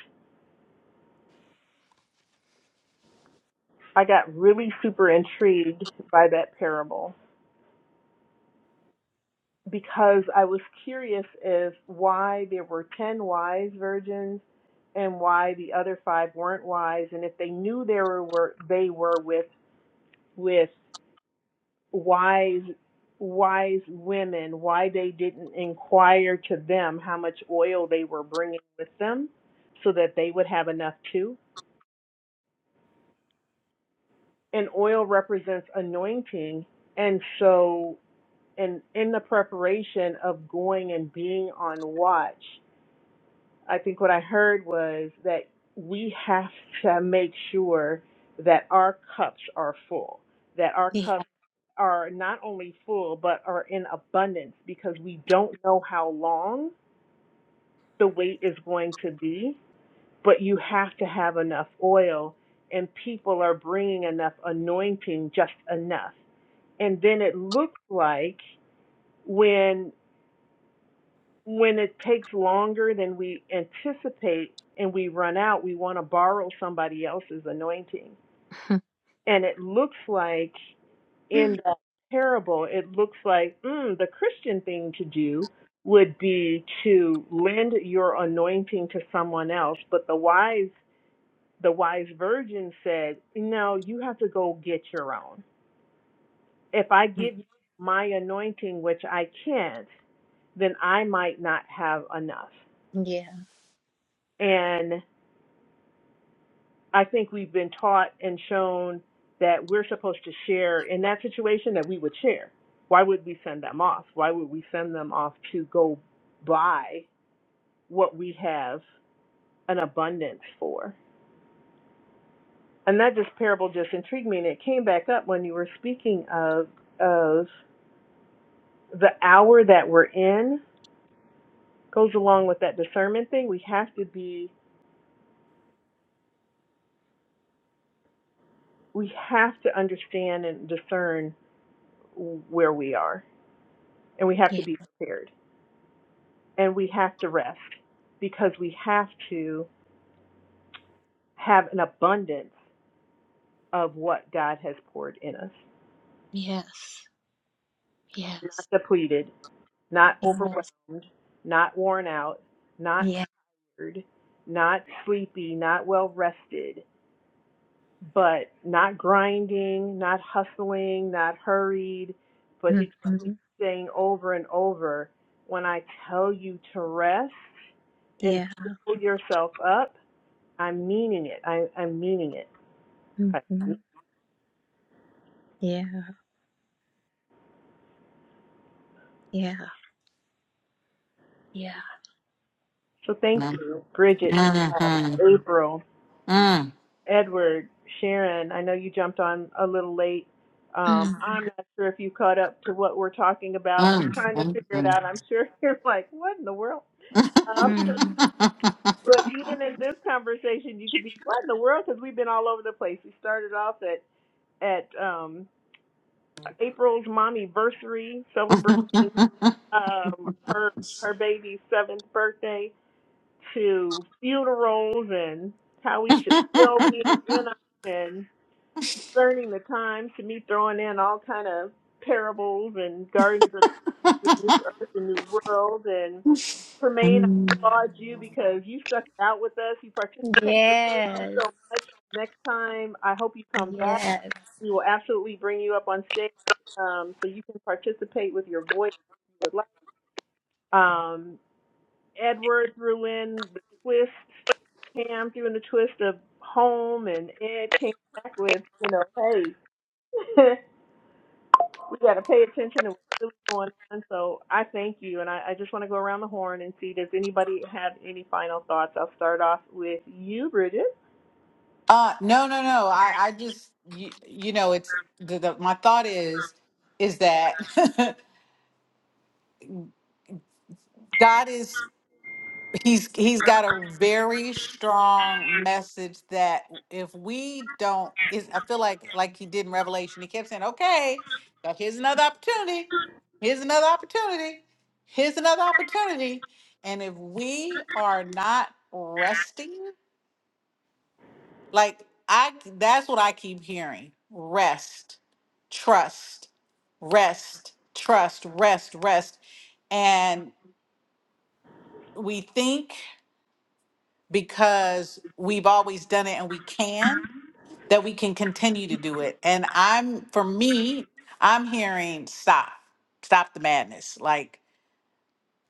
S1: I got really super intrigued by that parable because I was curious as why there were 10 wise virgins and why the other five weren't wise and if they knew they were, were they were with with wise wise women why they didn't inquire to them how much oil they were bringing with them so that they would have enough too and oil represents anointing and so and in the preparation of going and being on watch I think what I heard was that we have to make sure that our cups are full, that our
S3: Yeah.
S1: cups are not only full, but are in abundance because we don't know how long the wait is going to be. But you have to have enough oil, and people are bringing enough anointing, just enough. And then it looks like when. when it takes longer than we anticipate and we run out, we want to borrow somebody else's anointing. And it looks like
S3: yeah.
S1: in the parable, it looks like mm, the Christian thing to do would be to lend your anointing to someone else. But the wise, the wise virgin said, "No, you have to go get your own. If I give you my anointing, which I can't, then I might not have enough." And I think we've been taught and shown that we're supposed to share in that situation that we would share. Why would we send them off? Why would we send them off to go buy what we have an abundance for? And that just parable just intrigued me, and it came back up when you were speaking of of the hour that we're in goes along with that discernment thing. We have to be, we have to understand and discern where we are, and we have to
S3: Yeah.
S1: be prepared. and we have to rest because we have to have an abundance of what God has poured in us.
S3: Yes. Yes.
S1: Not depleted, not
S3: Yes.
S1: overwhelmed, not worn out, not
S3: Yeah.
S1: tired, not sleepy, not well rested, but not grinding, not hustling, not hurried. But he keeps
S3: Mhm.
S1: saying over and over, when I tell you to rest and
S3: Yeah.
S1: fill yourself up, I'm meaning it. I, I'm meaning it. I
S3: Mhm. Yeah. Yeah. Yeah.
S1: So thank
S4: Mhm.
S1: you, Bridget,
S4: Mhm.
S1: April,
S4: Mm,
S1: Edward, Sharon. I know you jumped on a little late. Um,
S3: Mm.
S1: I'm not sure if you caught up to what we're talking about and
S4: mm,
S1: trying to
S4: mm,
S1: figure it
S4: mm.
S1: out. I'm sure you're like, what in the world?
S4: Uh,
S1: Um,
S3: Mm.
S1: but even in this conversation, you could be, what in the world? Because we've been all over the place. We started off at at um, April's mommy anniversary celebrating um, her her baby's seventh birthday to funerals and how we should still be in them and discerning the times to me throwing in all kind of parables and gardens of the new earth and new world and Tremaine, I applaud you because you stuck it out with us. You participated in
S3: Yes.
S1: so much. Next time, I hope you come back.
S3: Yes.
S1: We will absolutely bring you up on stage um, so you can participate with your voice if you would like. Um, Edward threw in the twist. Pam threw in the twist of home, and Ed came back with, you know, hey, we got to pay attention to what's really going on. So I thank you, and I, I just want to go around the horn and see does anybody have any final thoughts? I'll start off with you, Bridget.
S4: no, no, no. I, I just, you, you know, it's the, the, my thought is, is that God is he's he's got a very strong message that if we don't is I feel like like he did in Revelation, he kept saying, Okay, now here's another opportunity, here's another opportunity, here's another opportunity. And if we are not resting, like I that's what I keep hearing. Rest, trust, rest, trust, rest, rest. And we think because we've always done it and we can, that we can continue to do it. And I'm, for me, I'm hearing stop, stop the madness. Like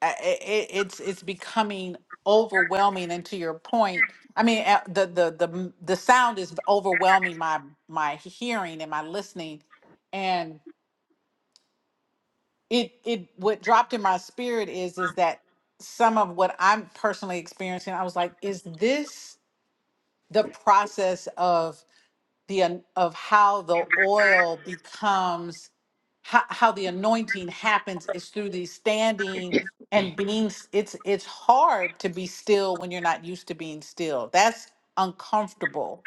S4: I- I- I- it's it's becoming overwhelming. And to your point, I mean, uh, the the the m- the sound is overwhelming my my hearing and my listening, and it it what dropped in my spirit is is that some of what I'm personally experiencing, I was like, is this the process of the an- of how the oil becomes how, how the anointing happens is through the standing and being s- it's it's hard to be still when you're not used to being still that's uncomfortable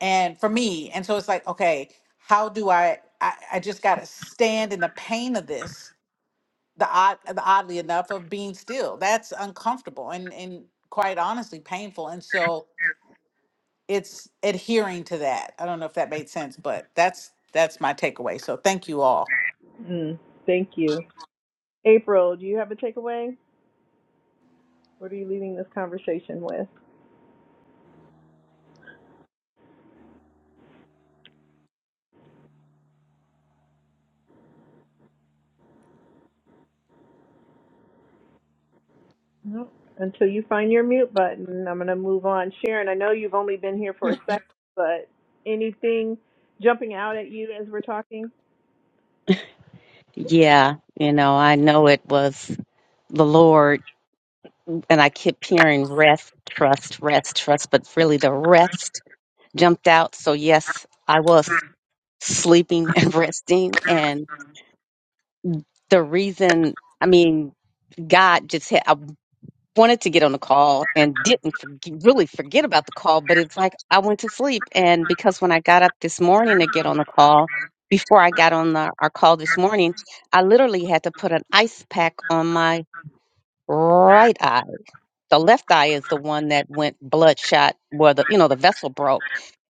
S4: and for me and so it's like okay how do i i, I just gotta stand in the pain of this the odd the oddly enough of being still that's uncomfortable and and quite honestly painful and so it's adhering to that. I don't know if that made sense, but that's that's my takeaway. So thank you all.
S1: Mm, thank you, April. Do you have a takeaway? What are you leaving this conversation with? Nope. Until you find your mute button, I'm going to move on. Sharon, I know you've only been here for a second, but anything jumping out at you as we're talking?
S6: Yeah, you know, I know it was the Lord, and I kept hearing rest, trust, rest, trust, but really the rest jumped out. So, yes, I was sleeping and resting. And the reason, I mean, God just had, I wanted to get on the call and didn't forg really forget about the call, but it's like I went to sleep. And because when I got up this morning to get on the call, before I got on the, our call this morning, I literally had to put an ice pack on my right eye. The left eye is the one that went bloodshot where the you know the vessel broke.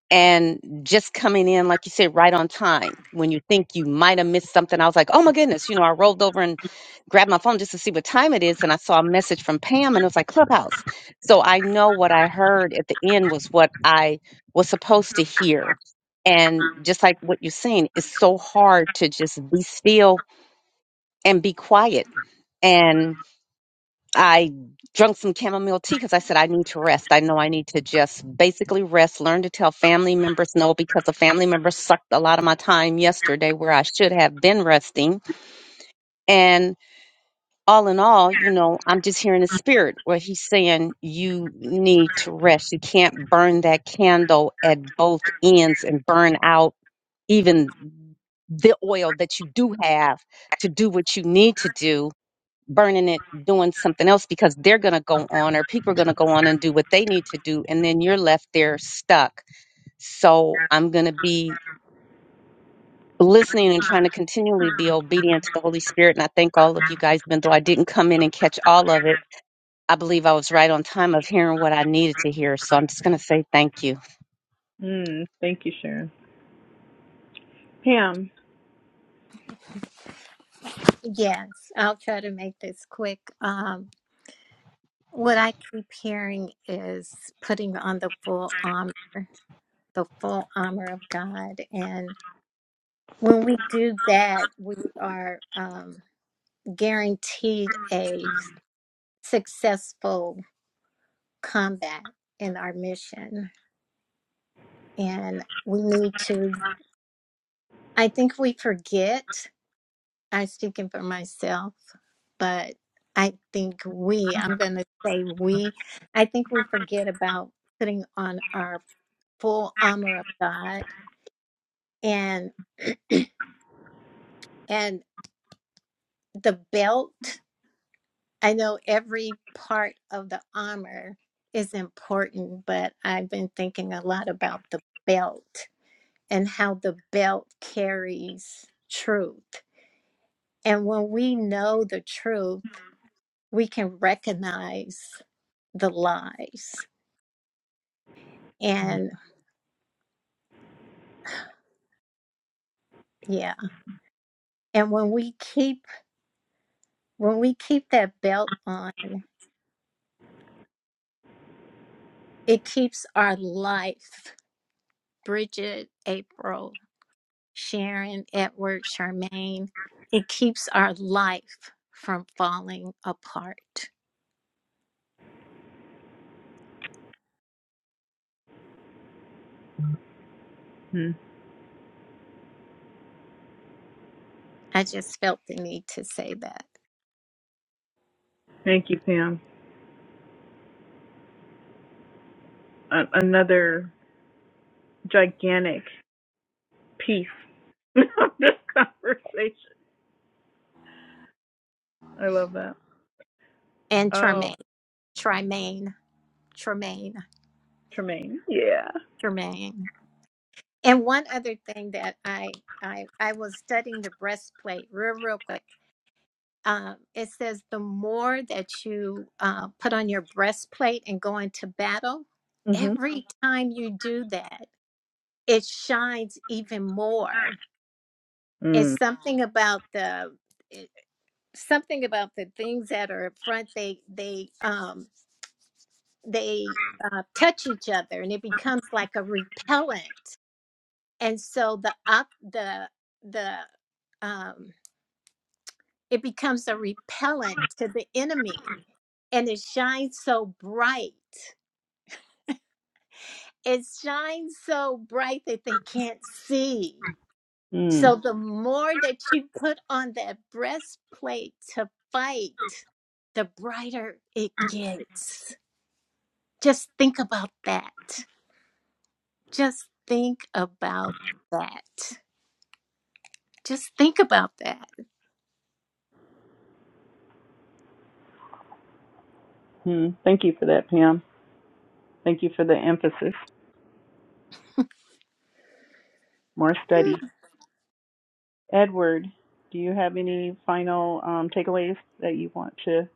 S6: And just coming in, like you said, right on time when you think you might have missed something. I was like, oh my goodness, you know, I rolled over and grabbed my phone just to see what time it is and I saw a message from Pam and it was like Clubhouse. So I know what I heard at the end was what I was supposed to hear. And just like what you're saying, it's so hard to just be still and be quiet. and I drunk some chamomile tea because I said I need to rest. I know I need to just basically rest, learn to tell family members no because the family members sucked a lot of my time yesterday where I should have been resting. And all in all, you know, I'm just hearing the spirit where he's saying you need to rest. You can't burn that candle at both ends and burn out even the oil that you do have to do what you need to do burning it doing something else because they're going to go on or people are going to go on and do what they need to do and then you're left there stuck so i'm going to be listening and trying to continually be obedient to the holy spirit and i thank all of you guys even though i didn't come in and catch all of it i believe i was right on time of hearing what i needed to hear so i'm just going to say thank you
S1: Mm, thank you, Sharon. Pam.
S3: yes. I'll try to make this quick. Um, What I keep hearing is putting on the full armor, the full armor of God. And when we do that, we are um, guaranteed a successful combat in our mission. And we need to, I think we forget I'm speaking for myself, but I think we, I'm going to say we, I think we forget about putting on our full armor of God and and the belt. I know every part of the armor is important, but I've been thinking a lot about the belt and how the belt carries truth. And when we know the truth, we can recognize the lies. And yeah, and when we keep when we keep that belt on, it keeps our life. Bridget, April, Sharon, Edward, Charmaine, it keeps our life from falling apart.
S1: Mm,
S3: I just felt the need to say that.
S1: thank you, Pam. A- another gigantic piece of this conversation. I love that.
S3: And
S1: Oh,
S3: Charmaine, Charmaine, Charmaine,
S1: Tremaine. Yeah.
S3: Charmaine. And one other thing that I I I was studying the breastplate real real quick um, it says the more that you uh, put on your breastplate and go into battle,
S1: Mhm.
S3: every time you do that, it shines even more. It's
S1: Mm.
S3: something about the it- something about the things that are up front. They they um, they uh, touch each other, and it becomes like a repellent. And so the up the the um, it becomes a repellent to the enemy and it shines so bright. It shines so bright that they can't see.
S1: Mm.
S3: So the more that you put on that breastplate to fight, the brighter it gets. Just think about that. Just think about that. Just think about that.
S1: Mm. Thank you for that, Pam. Thank you for the emphasis. More
S3: Mm,
S1: study. Edward, do you have any final um, takeaways that you want to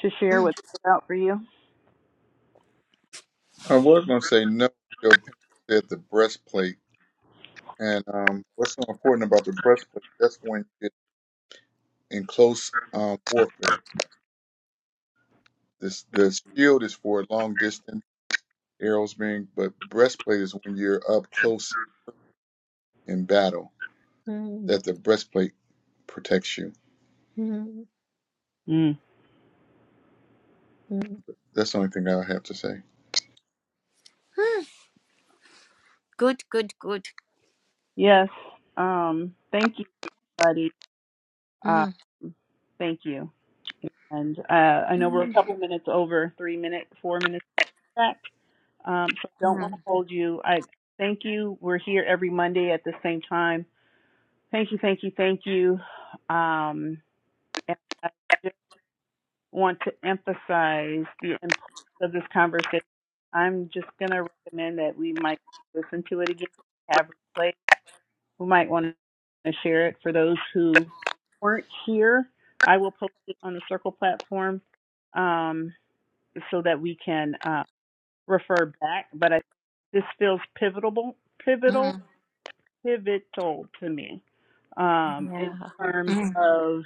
S1: to share?
S3: mm,
S1: What stood out for you?
S5: I was going to say no. Joe Pena said the breastplate, and um, what's so important about the breastplate? That's when you get in close um, warfare. This the shield is for long distance arrows being, but breastplate is when you're up close in battle
S3: mm,
S5: that the breastplate protects you.
S3: mm.
S1: Mm.
S5: That's the only thing I have to say.
S3: Mm. Good, good, good.
S1: Yes. Um, thank you, buddy. Uh.
S3: Mm,
S1: thank you. And uh, I know we're a
S3: mm,
S1: couple minutes over, three minutes, four minutes back. Um, so I don't want to
S3: mm.
S1: hold you. I thank you. We're here every Monday at the same time. Thank you, thank you, thank you. Um, and I just want to emphasize the importance of this conversation. I'm just going to recommend that we might listen to it again, have it played. We might want to share it for those who weren't here. I will post it on the Circle platform um, so that we can. uh, refer back, but I this feels pivotal, pivotal,
S3: Uh,
S1: pivotal to me um, in terms
S3: mm,
S1: of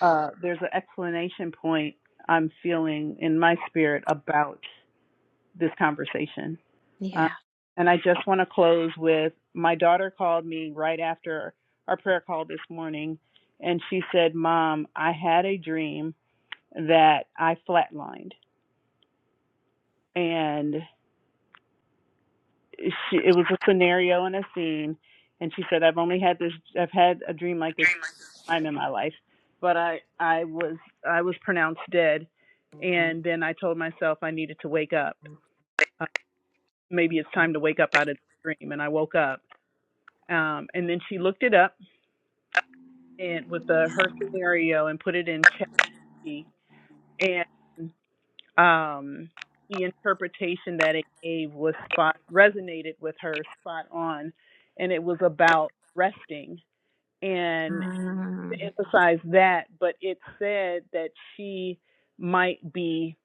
S1: uh, there's an explanation point I'm feeling in my spirit about this conversation. Uh,
S3: Yeah.
S1: and I just want to close with my daughter called me right after our prayer call this morning, and she said, "Mom, I had a dream that I flatlined." and she it was a scenario and a scene and she said i've only had this i've had a dream like this time in my life but i i was i was pronounced dead and then i told myself i needed to wake up uh, maybe it's time to wake up out of the dream and i woke up um and then she looked it up and with the her scenario and put it in chat and um, the interpretation that it gave was spot resonated with her spot on, and it was about resting and to emphasize that. But it said that she might be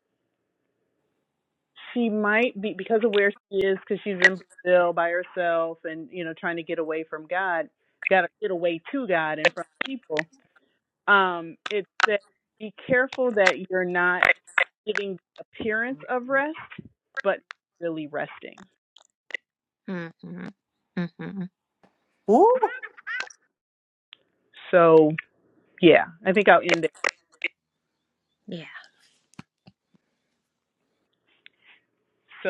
S1: she might be because of where she is because she's in Brazil by herself and you know trying to get away from God, got to get away to God and from people um, it says, be careful that you're not giving the appearance of rest, but really resting.
S3: Mm-hmm. Mm-hmm.
S4: Woo!
S1: So yeah, I think I'll end it.
S3: Yeah.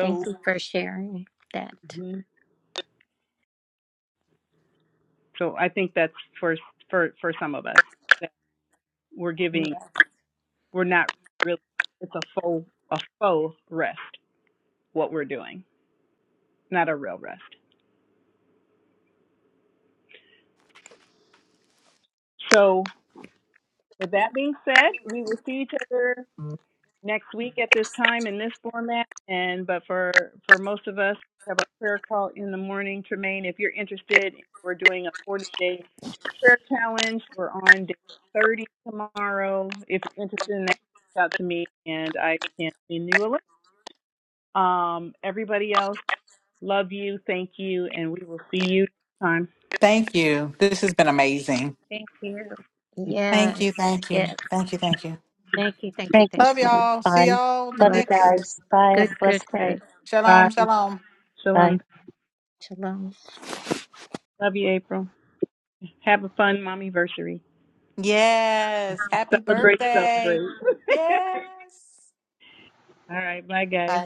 S3: Thank you for sharing that.
S1: mhm. so I think that's for for for some of us that we're giving
S3: Yeah.
S1: we're not really it's a faux a faux rest what we're doing, not a real rest. So with that being said, we will see each other next week at this time in this format. And but for for most of us, we have our prayer call in the morning. Tremaine, if you're interested, we're doing a 40 day prayer challenge. We're on day 30 tomorrow. If you're interested in that, reach out to me and I can send you a link. Um, everybody else, love you, thank you, and we will see you next time.
S4: Thank you. This has been amazing.
S3: Thank you.
S4: Thank
S3: Yes.
S4: you. Thank you.
S3: Yes.
S4: Thank you. Thank you.
S3: Thank you. Thank you. Thank
S4: Love
S3: you.
S4: y'all. See y'all the
S3: Love you.
S4: next.
S3: Good. Good. Good.
S1: Bye.
S4: Shalom. Shalom.
S6: Bye.
S1: Shalom.
S3: Shalom.
S1: Love you, April. Have a fun mommy anniversary.
S4: Yes. Happy
S1: Celebrate,
S4: birthday.
S1: celebrate.
S4: Yes.
S1: All right. Bye, guys.
S4: Bye.